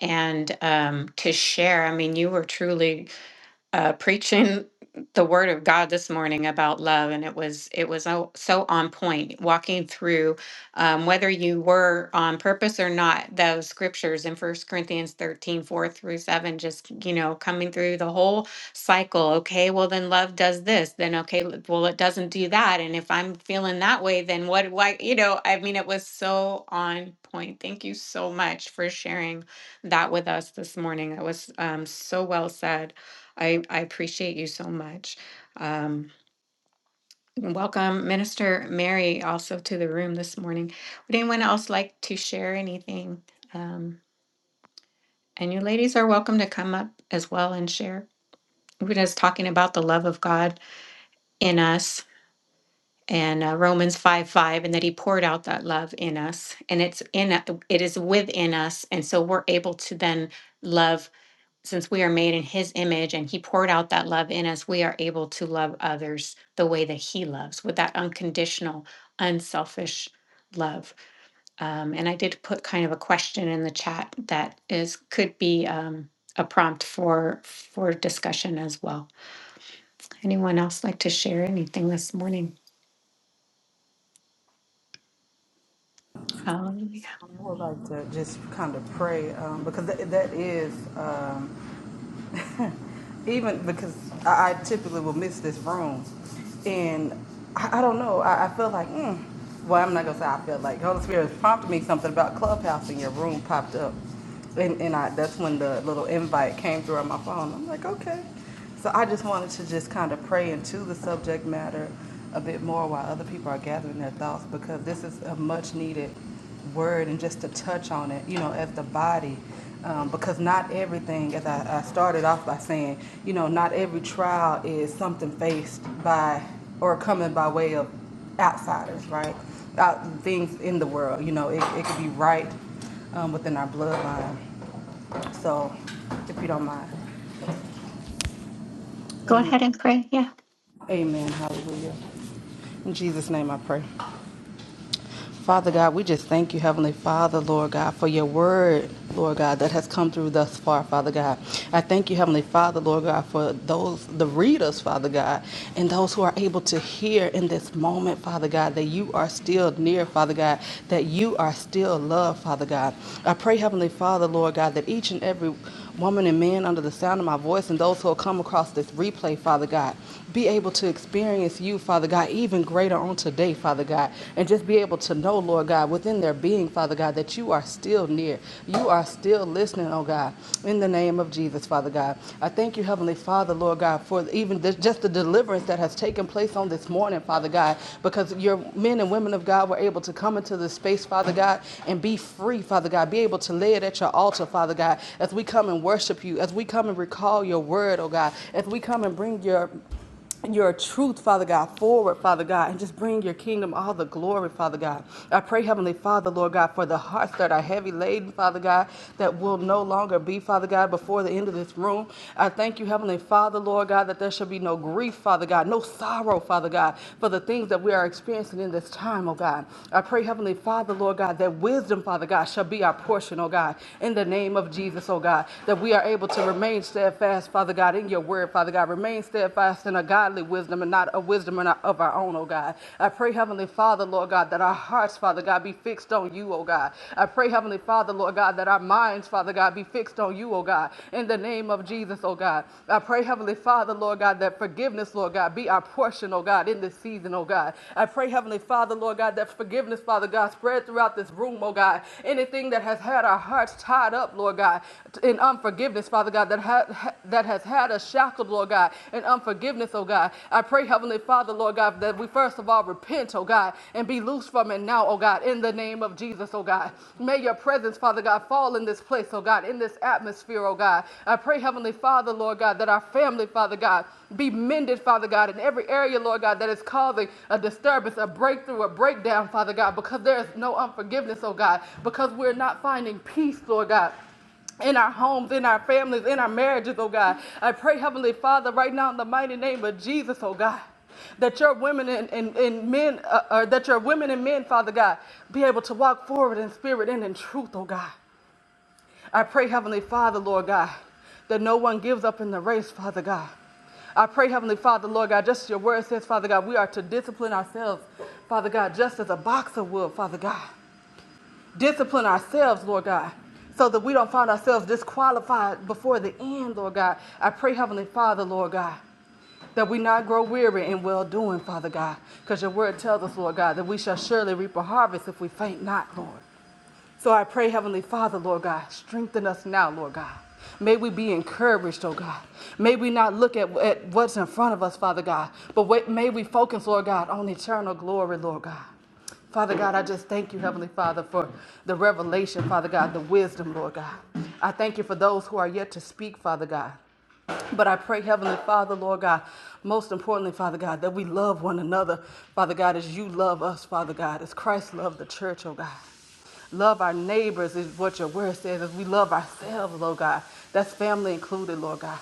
and um, to share. I mean, you were truly uh, preaching the word of God this morning about love, and it was it was so so on point. Walking through um, whether you were on purpose or not, those scriptures in First Corinthians 13 4 through seven, just you know coming through the whole cycle. Okay, well then love does this. Then okay, l- well it doesn't do that. And if I'm feeling that way, then what? Why? You know, I mean, it was so on point. Thank you so much for sharing that with us this morning. It was um, so well said. I, I appreciate you so much. Um, welcome, Minister Mary, also to the room this morning. Would anyone else like to share anything? Um, and you ladies are welcome to come up as well and share. We're just talking about the love of God in us and uh, Romans 5 5, and that He poured out that love in us, and it's in it is within us, and so we're able to then love since we are made in his image and he poured out that love in us, we are able to love others the way that he loves with that unconditional, unselfish love. Um, and I did put kind of a question in the chat that is could be um, a prompt for for discussion as well. Anyone else like to share anything this morning? Hallelujah.
I would like to just kind of pray um, because that, that is. even because I, I typically will miss this room, and I, I don't know. I, I feel like, mm, well, I'm not gonna say I feel like Holy Spirit has prompted me something about Clubhouse, and your room popped up, and and I that's when the little invite came through on my phone. I'm like, okay. So I just wanted to just kind of pray into the subject matter a bit more while other people are gathering their thoughts because this is a much needed word and just to touch on it, you know, as the body. Um, because not everything, as I, I started off by saying, you know, not every trial is something faced by or coming by way of outsiders, right? Out, things in the world, you know, it, it could be right um, within our bloodline. So, if you don't mind.
Go
Amen.
ahead and pray. Yeah.
Amen. Hallelujah. In Jesus' name I pray. Father God, we just thank you, Heavenly Father, Lord God, for your word, Lord God, that has come through thus far, Father God. I thank you, Heavenly Father, Lord God, for those, the readers, Father God, and those who are able to hear in this moment, Father God, that you are still near, Father God, that you are still love, Father God. I pray, Heavenly Father, Lord God, that each and every woman and man under the sound of my voice and those who will come across this replay, Father God. Be able to experience you, Father God, even greater on today, Father God. And just be able to know, Lord God, within their being, Father God, that you are still near. You are still listening, oh God, in the name of Jesus, Father God. I thank you, Heavenly Father, Lord God, for even this, just the deliverance that has taken place on this morning, Father God, because your men and women of God were able to come into this space, Father God, and be free, Father God, be able to lay it at your altar, Father God, as we come and worship you, as we come and recall your word, oh God, as we come and bring your your truth, Father God, forward, Father God, and just bring your kingdom all the glory, Father God. I pray, Heavenly Father, Lord God, for the hearts that are heavy laden, Father God, that will no longer be, Father God, before the end of this room. I thank you, Heavenly Father, Lord God, that there shall be no grief, Father God, no sorrow, Father God, for the things that we are experiencing in this time, oh God. I pray, Heavenly Father, Lord God, that wisdom, Father God, shall be our portion, oh God, in the name of Jesus. Jesus, oh God, that we are able to remain steadfast, Father God, in your word, Father God. Remain steadfast in a godly wisdom and not a wisdom of our own, oh God. I pray, Heavenly Father, Lord God, that our hearts, Father God, be fixed on you, oh God. I pray, Heavenly Father, Lord God, that our minds, Father God, be fixed on you, oh God, in the name of Jesus, oh God. I pray, Heavenly Father, Lord God, that forgiveness, Lord God, be our portion, oh God, in this season, oh God. I pray, Heavenly Father, Lord God, God, that forgiveness, Father God, spread throughout this room, oh God. Anything that has had our hearts tied up, Lord God, in unforgiveness, Father God, that, ha- ha- that has had us shackled, Lord God, in unforgiveness, oh God. I pray, Heavenly Father, Lord God, that we first of all repent, oh God, and be loose from it now, oh God, in the name of Jesus, oh God. May your presence, Father God, fall in this place, oh God, in this atmosphere, oh God. I pray, Heavenly Father, Lord God, that our family, Father, God. Be mended, Father God, in every area, Lord God, that is causing a disturbance, a breakthrough, a breakdown, Father God, because there is no unforgiveness, oh God, because we're not finding peace, Lord God in our homes, in our families, in our marriages, oh God. I pray, Heavenly Father, right now in the mighty name of Jesus, oh God. That your women and, and, and men, uh, or that your women and men, Father God, be able to walk forward in spirit and in truth, oh God. I pray, Heavenly Father, Lord God, that no one gives up in the race, Father God. I pray, Heavenly Father, Lord God, just as your word says, Father God, we are to discipline ourselves, Father God, just as a boxer would, Father God. Discipline ourselves, Lord God, so that we don't find ourselves disqualified before the end, Lord God. I pray, Heavenly Father, Lord God, that we not grow weary in well doing, Father God, because your word tells us, Lord God, that we shall surely reap a harvest if we faint not, Lord. So I pray, Heavenly Father, Lord God, strengthen us now, Lord God. May we be encouraged, oh God. May we not look at, at what's in front of us, Father God, but wait, may we focus, Lord God, on eternal glory, Lord God. Father God, I just thank you, Heavenly Father, for the revelation, Father God, the wisdom, Lord God. I thank you for those who are yet to speak, Father God. But I pray, Heavenly Father, Lord God, most importantly, Father God, that we love one another, Father God, as you love us, Father God, as Christ loved the church, oh God. Love our neighbors is what your word says, as we love ourselves, Lord God. That's family included, Lord God.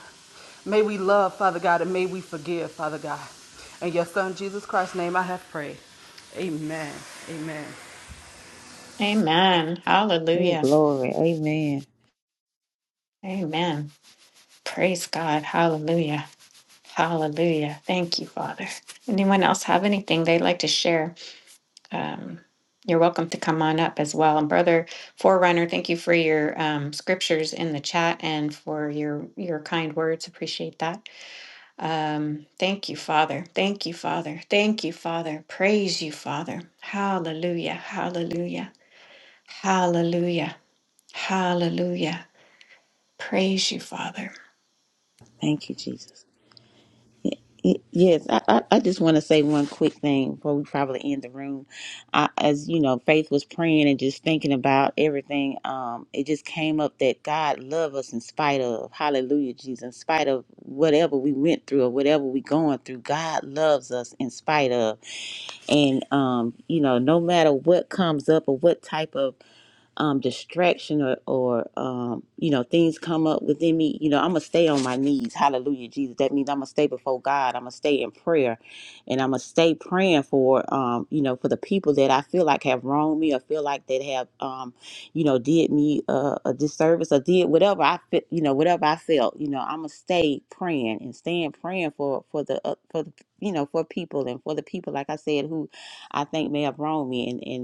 May we love, Father God, and may we forgive, Father God. In your Son, Jesus Christ's name, I have prayed. Amen. Amen.
Amen.
Ooh,
Hallelujah.
glory. Amen.
Amen. Praise God. Hallelujah. Hallelujah. Thank you, Father. Anyone else have anything they'd like to share? Um, you're welcome to come on up as well. And Brother Forerunner, thank you for your um, scriptures in the chat and for your your kind words. Appreciate that. Um, thank you, Father. Thank you, Father. Thank you, Father. Praise you, Father. Hallelujah. Hallelujah. Hallelujah. Hallelujah. Praise you, Father.
Thank you, Jesus. Y- Yes, I, I, I just want to say one quick thing before we probably end the room. I, as you know, Faith was praying and just thinking about everything. Um, it just came up that God love us in spite of, hallelujah, Jesus, in spite of whatever we went through or whatever we going through, God loves us in spite of. And, um, you know, no matter what comes up or what type of um, distraction or, or um, you know things come up within me you know i'm gonna stay on my knees hallelujah jesus that means i'm gonna stay before god i'm gonna stay in prayer and i'm gonna stay praying for um, you know for the people that i feel like have wronged me or feel like that have um, you know did me uh, a disservice or did whatever i fit you know whatever i felt you know i'm gonna stay praying and staying praying for for the uh, for the you know for people and for the people like i said who i think may have wronged me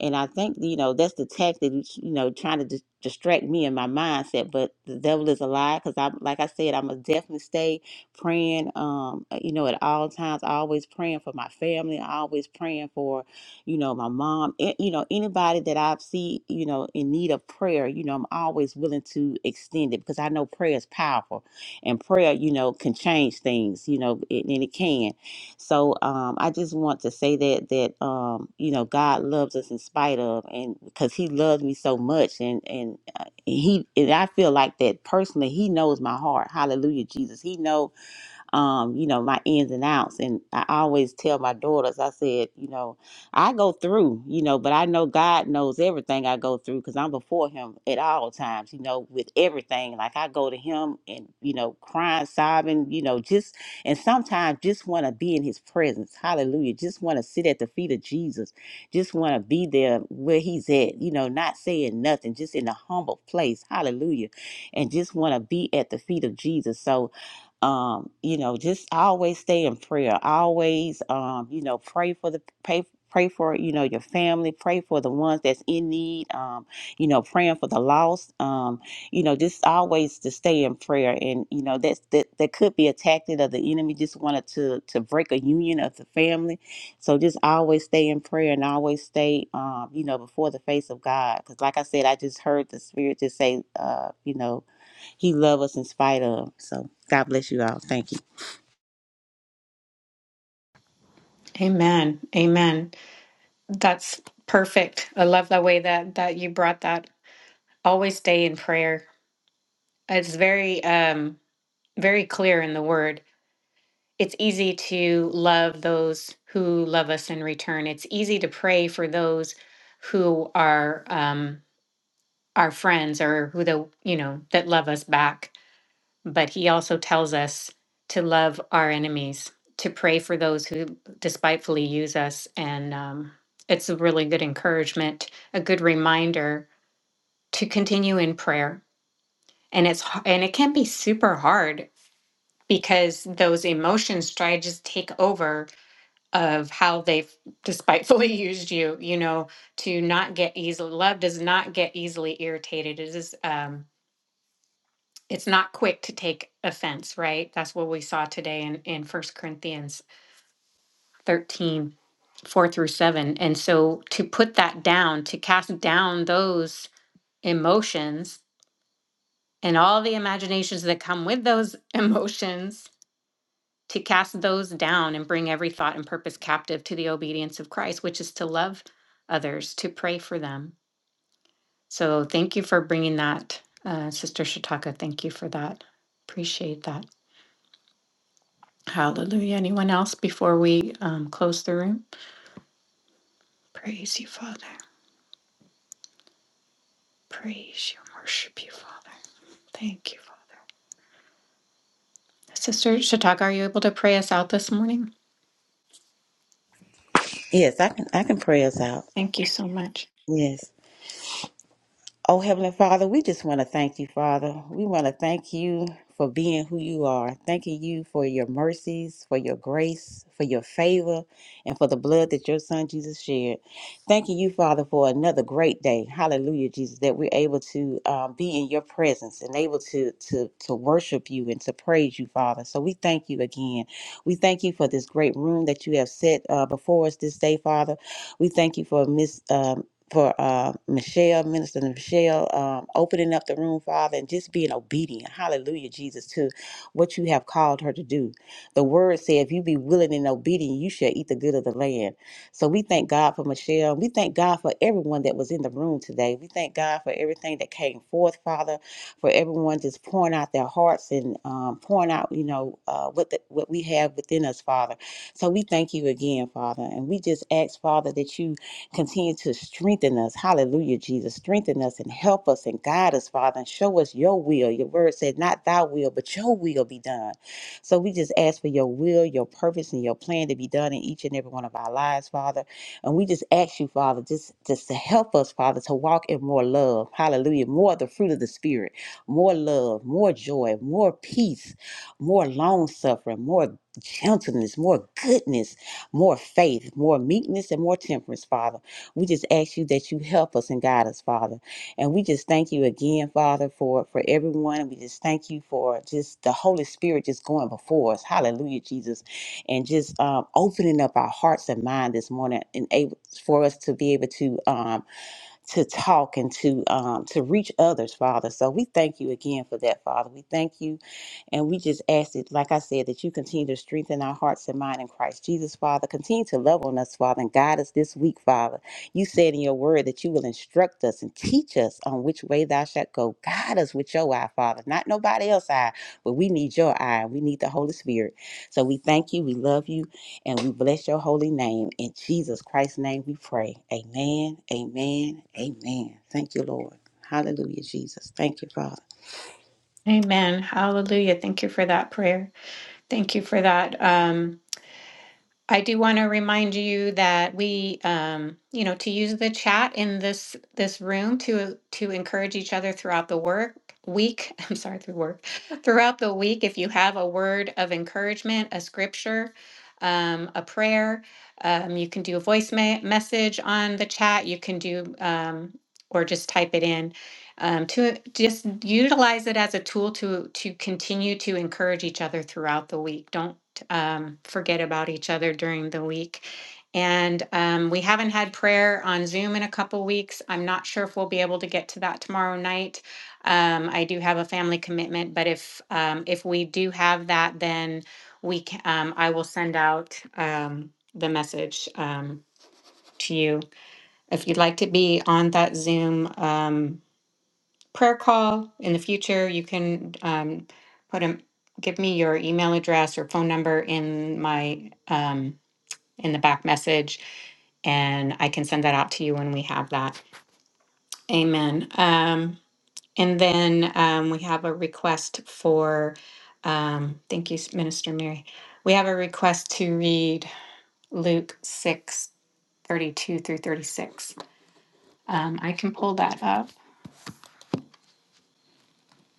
and I think, you know, that's the tactic, you know, trying to dis- distract me in my mindset. But the devil is a lie because I'm, like I said, I'm going to definitely stay praying, um, uh, you know, at all times, always praying for my family, always praying for, you know, my mom, a- you know, anybody that I see, you know, in need of prayer, you know, I'm always willing to extend it because I know prayer is powerful and prayer, you know, can change things, you know, and and it can. So um, I just want to say that that um, you know God loves us in spite of, and because He loves me so much, and and uh, He and I feel like that personally. He knows my heart. Hallelujah, Jesus. He know um, you know, my ins and outs. And I always tell my daughters, I said, you know, I go through, you know, but I know God knows everything I go through because I'm before Him at all times, you know, with everything. Like I go to Him and, you know, crying, sobbing, you know, just, and sometimes just want to be in His presence. Hallelujah. Just want to sit at the feet of Jesus. Just want to be there where He's at, you know, not saying nothing, just in a humble place. Hallelujah. And just want to be at the feet of Jesus. So, um, you know, just always stay in prayer. Always, um, you know, pray for the pray pray for you know your family. Pray for the ones that's in need. Um, you know, praying for the lost. Um, you know, just always to stay in prayer. And you know, that's that that could be a tactic of the enemy. Just wanted to to break a union of the family. So just always stay in prayer and always stay, um, you know, before the face of God. Because like I said, I just heard the Spirit just say, uh, you know he loves us in spite of. So God bless you all. Thank you.
Amen. Amen. That's perfect. I love the way that that you brought that. Always stay in prayer. It's very um very clear in the word. It's easy to love those who love us in return. It's easy to pray for those who are um our friends or who the you know that love us back. But he also tells us to love our enemies, to pray for those who despitefully use us and um it's a really good encouragement, a good reminder to continue in prayer and it's and it can be super hard because those emotions try to just take over of how they've despitefully used you you know to not get easily love does not get easily irritated it is um it's not quick to take offense right that's what we saw today in in first corinthians 13 4 through 7 and so to put that down to cast down those emotions and all the imaginations that come with those emotions to cast those down and bring every thought and purpose captive to the obedience of Christ, which is to love others, to pray for them. So thank you for bringing that, uh, Sister Shataka. Thank you for that. Appreciate that. Hallelujah. Anyone else before we um, close the room? Praise you, Father. Praise you. and Worship you, Father. Thank you, Father. Sister Shataka, are you able to pray us out this morning?
Yes, I can I can pray us out.
Thank you so much.
Yes. Oh, Heavenly Father, we just want to thank you, Father. We want to thank you for being who you are. Thanking you for your mercies, for your grace, for your favor, and for the blood that your son Jesus shed. Thanking you, Father, for another great day. Hallelujah, Jesus, that we're able to uh, be in your presence and able to, to, to worship you and to praise you, Father. So we thank you again. We thank you for this great room that you have set uh, before us this day, Father. We thank you for Miss. um, for uh, Michelle, Minister Michelle, um, opening up the room, Father, and just being obedient. Hallelujah, Jesus, to what you have called her to do. The word said, if you be willing and obedient, you shall eat the good of the land. So we thank God for Michelle. We thank God for everyone that was in the room today. We thank God for everything that came forth, Father, for everyone just pouring out their hearts and um, pouring out, you know, uh, what, the, what we have within us, Father. So we thank you again, Father. And we just ask, Father, that you Continue to strengthen us. Hallelujah, Jesus. Strengthen us and help us and guide us, Father, and show us your will. Your word said, not thy will, but your will be done. So we just ask for your will, your purpose, and your plan to be done in each and every one of our lives, Father. And we just ask you, Father, just, just to help us, Father, to walk in more love. Hallelujah. More of the fruit of the Spirit, more love, more joy, more peace, more long suffering, more gentleness, more goodness, more faith, more meekness, and more temperance, Father. We just ask you that you help us and guide us, Father. And we just thank you again, Father, for for everyone. And we just thank you for just the Holy Spirit just going before us. Hallelujah, Jesus, and just um, opening up our hearts and mind this morning, and able for us to be able to um, to talk and to um, to reach others, Father. So we thank you again for that, Father. We thank you and we just ask it, like I said, that you continue to strengthen our hearts and mind in Christ Jesus, Father. Continue to love on us, Father, and guide us this week, Father. You said in your word that you will instruct us and teach us on which way thou shalt go. Guide us with your eye, Father. Not nobody else's eye, but we need your eye. We need the Holy Spirit. So we thank you, we love you, and we bless your holy name. In Jesus Christ's name we pray. Amen, amen, amen. Thank you, Lord. Hallelujah, Jesus. Thank you, Father.
Amen. Hallelujah. Thank you for that prayer. Thank you for that. Um, I do want to remind you that we, um, you know, to use the chat in this this room to to encourage each other throughout the work week. I'm sorry, through work throughout the week. If you have a word of encouragement, a scripture, um, a prayer, um, you can do a voice me- message on the chat. You can do um, or just type it in um, to just utilize it as a tool to to continue to encourage each other throughout the week. Don't um, forget about each other during the week. And um, we haven't had prayer on Zoom in a couple weeks. I'm not sure if we'll be able to get to that tomorrow night. Um, I do have a family commitment, but if um, if we do have that, then we can, um, I will send out um, the message um, to you if you'd like to be on that Zoom. Um, prayer call in the future, you can um, put a give me your email address or phone number in my um, in the back message, and I can send that out to you when we have that. Amen. Um, and then um, we have a request for. Um, thank you, Minister Mary. We have a request to read Luke six thirty-two through thirty six. Um, I can pull that up.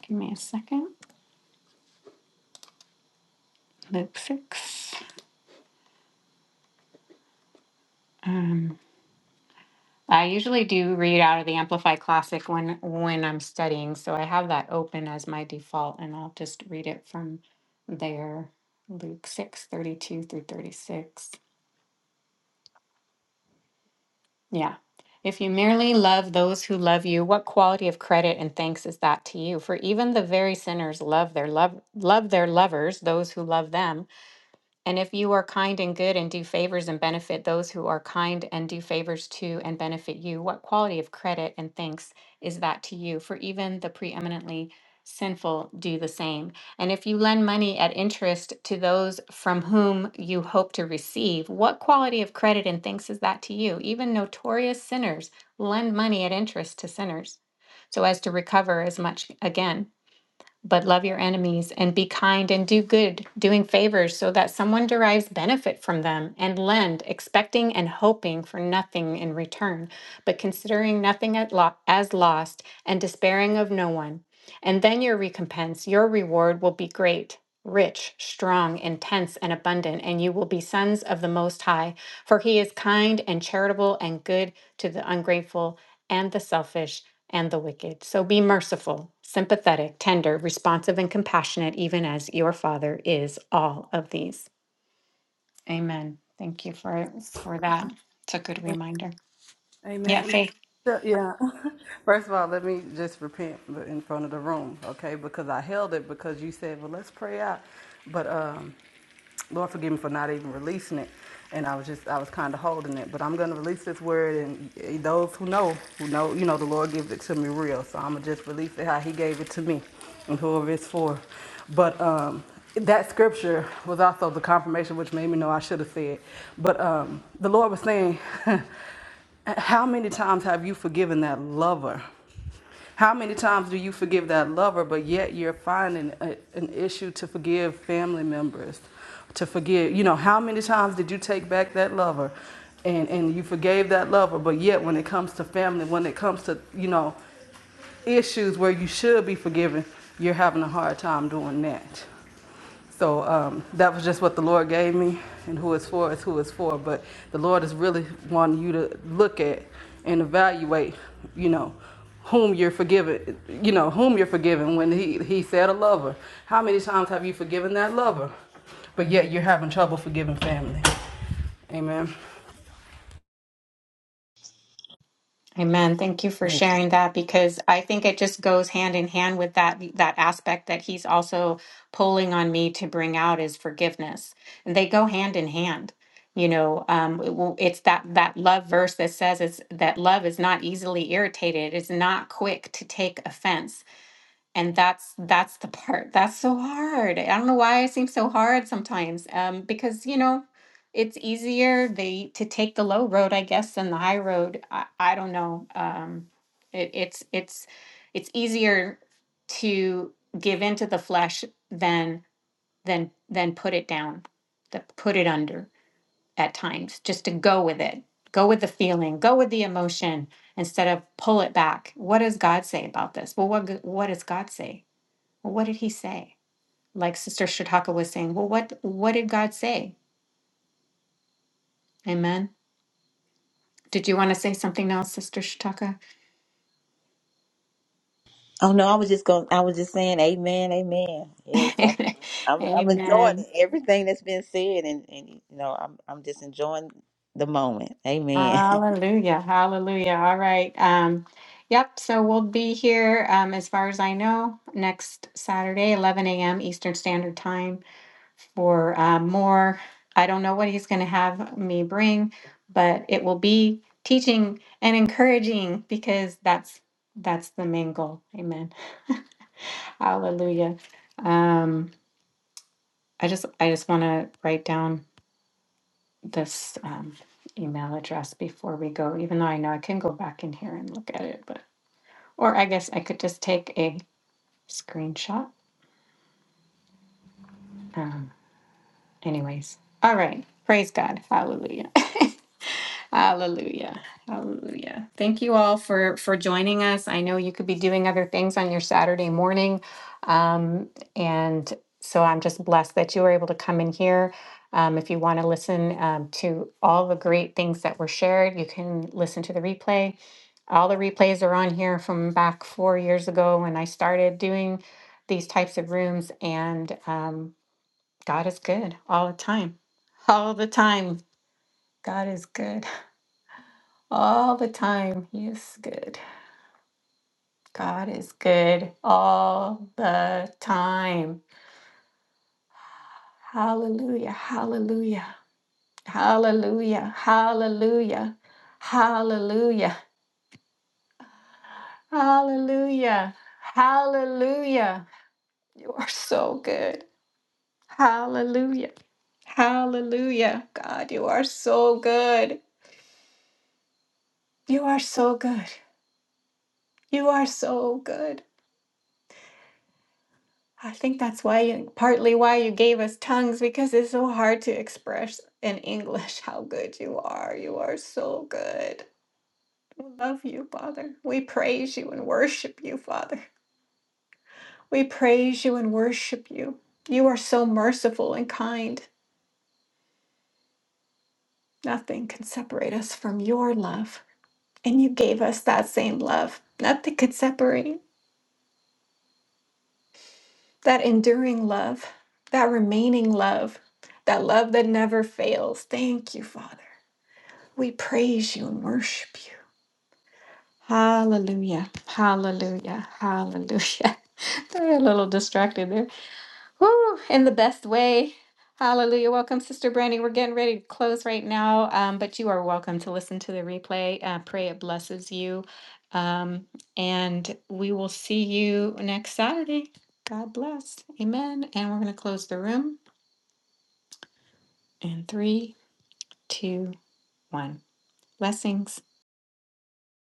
Give me a second. Luke six. um, I usually do read out of the Amplify Classic when when I'm studying, so I have that open as my default, and I'll just read it from there. Luke six thirty two through 36. Yeah. If you merely love those who love you, what quality of credit and thanks is that to you? For even the very sinners love their love love their lovers, those who love them. And if you are kind and good and do favors and benefit those who are kind and do favors to and benefit you, what quality of credit and thanks is that to you? For even the preeminently sinful do the same. And if you lend money at interest to those from whom you hope to receive, what quality of credit and thanks is that to you? Even notorious sinners lend money at interest to sinners so as to recover as much again but love your enemies and be kind and do good, doing favors so that someone derives benefit from them and lend, expecting and hoping for nothing in return, but considering nothing at lo- as lost and despairing of no one. And then your recompense, your reward will be great. Rich, strong, intense, and abundant, and you will be sons of the Most High, for He is kind and charitable and good to the ungrateful and the selfish and the wicked. So be merciful, sympathetic, tender, responsive, and compassionate, even as your Father is all of these. Amen. Thank you for for that. It's a good reminder. Yeah,
Amen.
Faith.
So, yeah. First of all, let me just repent in front of the room, okay? Because I held it because you said, "Well, let's pray out," but um, Lord, forgive me for not even releasing it. And I was just, I was kind of holding it. But I'm going to release this word, and eh, those who know, who know, you know, the Lord gives it to me real. So I'm going to just release it how He gave it to me and whoever it's for. But um, that scripture was also the confirmation, which made me know I should have said. But um, the Lord was saying, How many times have you forgiven that lover? How many times do you forgive that lover, but yet you're finding a, an issue to forgive family members, to forgive? You know, how many times did you take back that lover, and and you forgave that lover, but yet when it comes to family, when it comes to you know issues where you should be forgiving, you're having a hard time doing that. So um, that was just what the Lord gave me, and who it's for is who it's for. But the Lord is really wanting you to look at and evaluate, you know, whom you're forgiving, you know, whom you're forgiving. When he, he said a lover, how many times have you forgiven that lover? But yet you're having trouble forgiving family. Amen.
Amen. Thank you for sharing that because I think it just goes hand in hand with that that aspect that he's also pulling on me to bring out is forgiveness. And they go hand in hand. You know, um, it will- it's that that love verse that says it's that love is not easily irritated. It's not quick to take offense and that's that's the part that's so hard i don't know why it seems so hard sometimes um because you know it's easier they to take the low road i guess than the high road i, I don't know um it, it's it's it's easier to give into the flesh than than than put it down to put it under at times just to go with it go with the feeling go with the emotion instead of pull it back what does god say about this well what g- what does god say well, what did he say? Like Sister Shataka was saying, well, what what did God say? Amen. Did you want to say something else, Sister Shataka?
Oh no, I was just going. I was just saying, Amen, Amen. Yes, I, I'm. I'm enjoying
Amen.
everything that's been said, and and you know, I'm I'm just enjoying the moment. Amen.
Hallelujah. Hallelujah. All right. Um, yep. So we'll be here, um, as far as I know, next Saturday, 11 a.m. Eastern Standard Time. for uh, more. I don't know what he's going to have me bring, but it will be teaching and encouraging because that's that's the main goal. Amen. Hallelujah. Um, I just I just want to write down this um, email address before we go, even though I know I can go back in here and look at it, but or I guess I could just take a screenshot. Um, anyways, all right. Praise God. Hallelujah. Hallelujah. Hallelujah. Thank you all for for joining us. I know you could be doing other things on your Saturday morning. Um, and so I'm just blessed that you were able to come in here. Um, if you want to listen um, to all the great things that were shared, you can listen to the replay. All the replays are on here from back four years ago when I started doing these types of rooms. And um, God is good all the time. All the time. God is good. All the time. He is good. God is good all the time. Hallelujah. Hallelujah. Hallelujah. Hallelujah. Hallelujah. Hallelujah. Hallelujah. You are so good. Hallelujah. Hallelujah. God, you are so good. You are so good. You are so good. I think that's why you partly why you gave us tongues because it's so hard to express in English how good you are. You are so good. We love you, Father. We praise you and worship you, Father. We praise you and worship you. You are so merciful and kind. Nothing can separate us from your love. And you gave us that same love. Nothing could separate that enduring love, that remaining love, that love that never fails. Thank you, Father. We praise you and worship you. Hallelujah. Hallelujah. Hallelujah. They're a little distracted there. Woo! In the best way. Hallelujah. Welcome, Sister Brandy. We're getting ready to close right now, um, but you are welcome to listen to the replay. I pray it blesses you. Um, and we will see you next Saturday. God bless. Amen. And we're going to close the room in three, two, one. Blessings.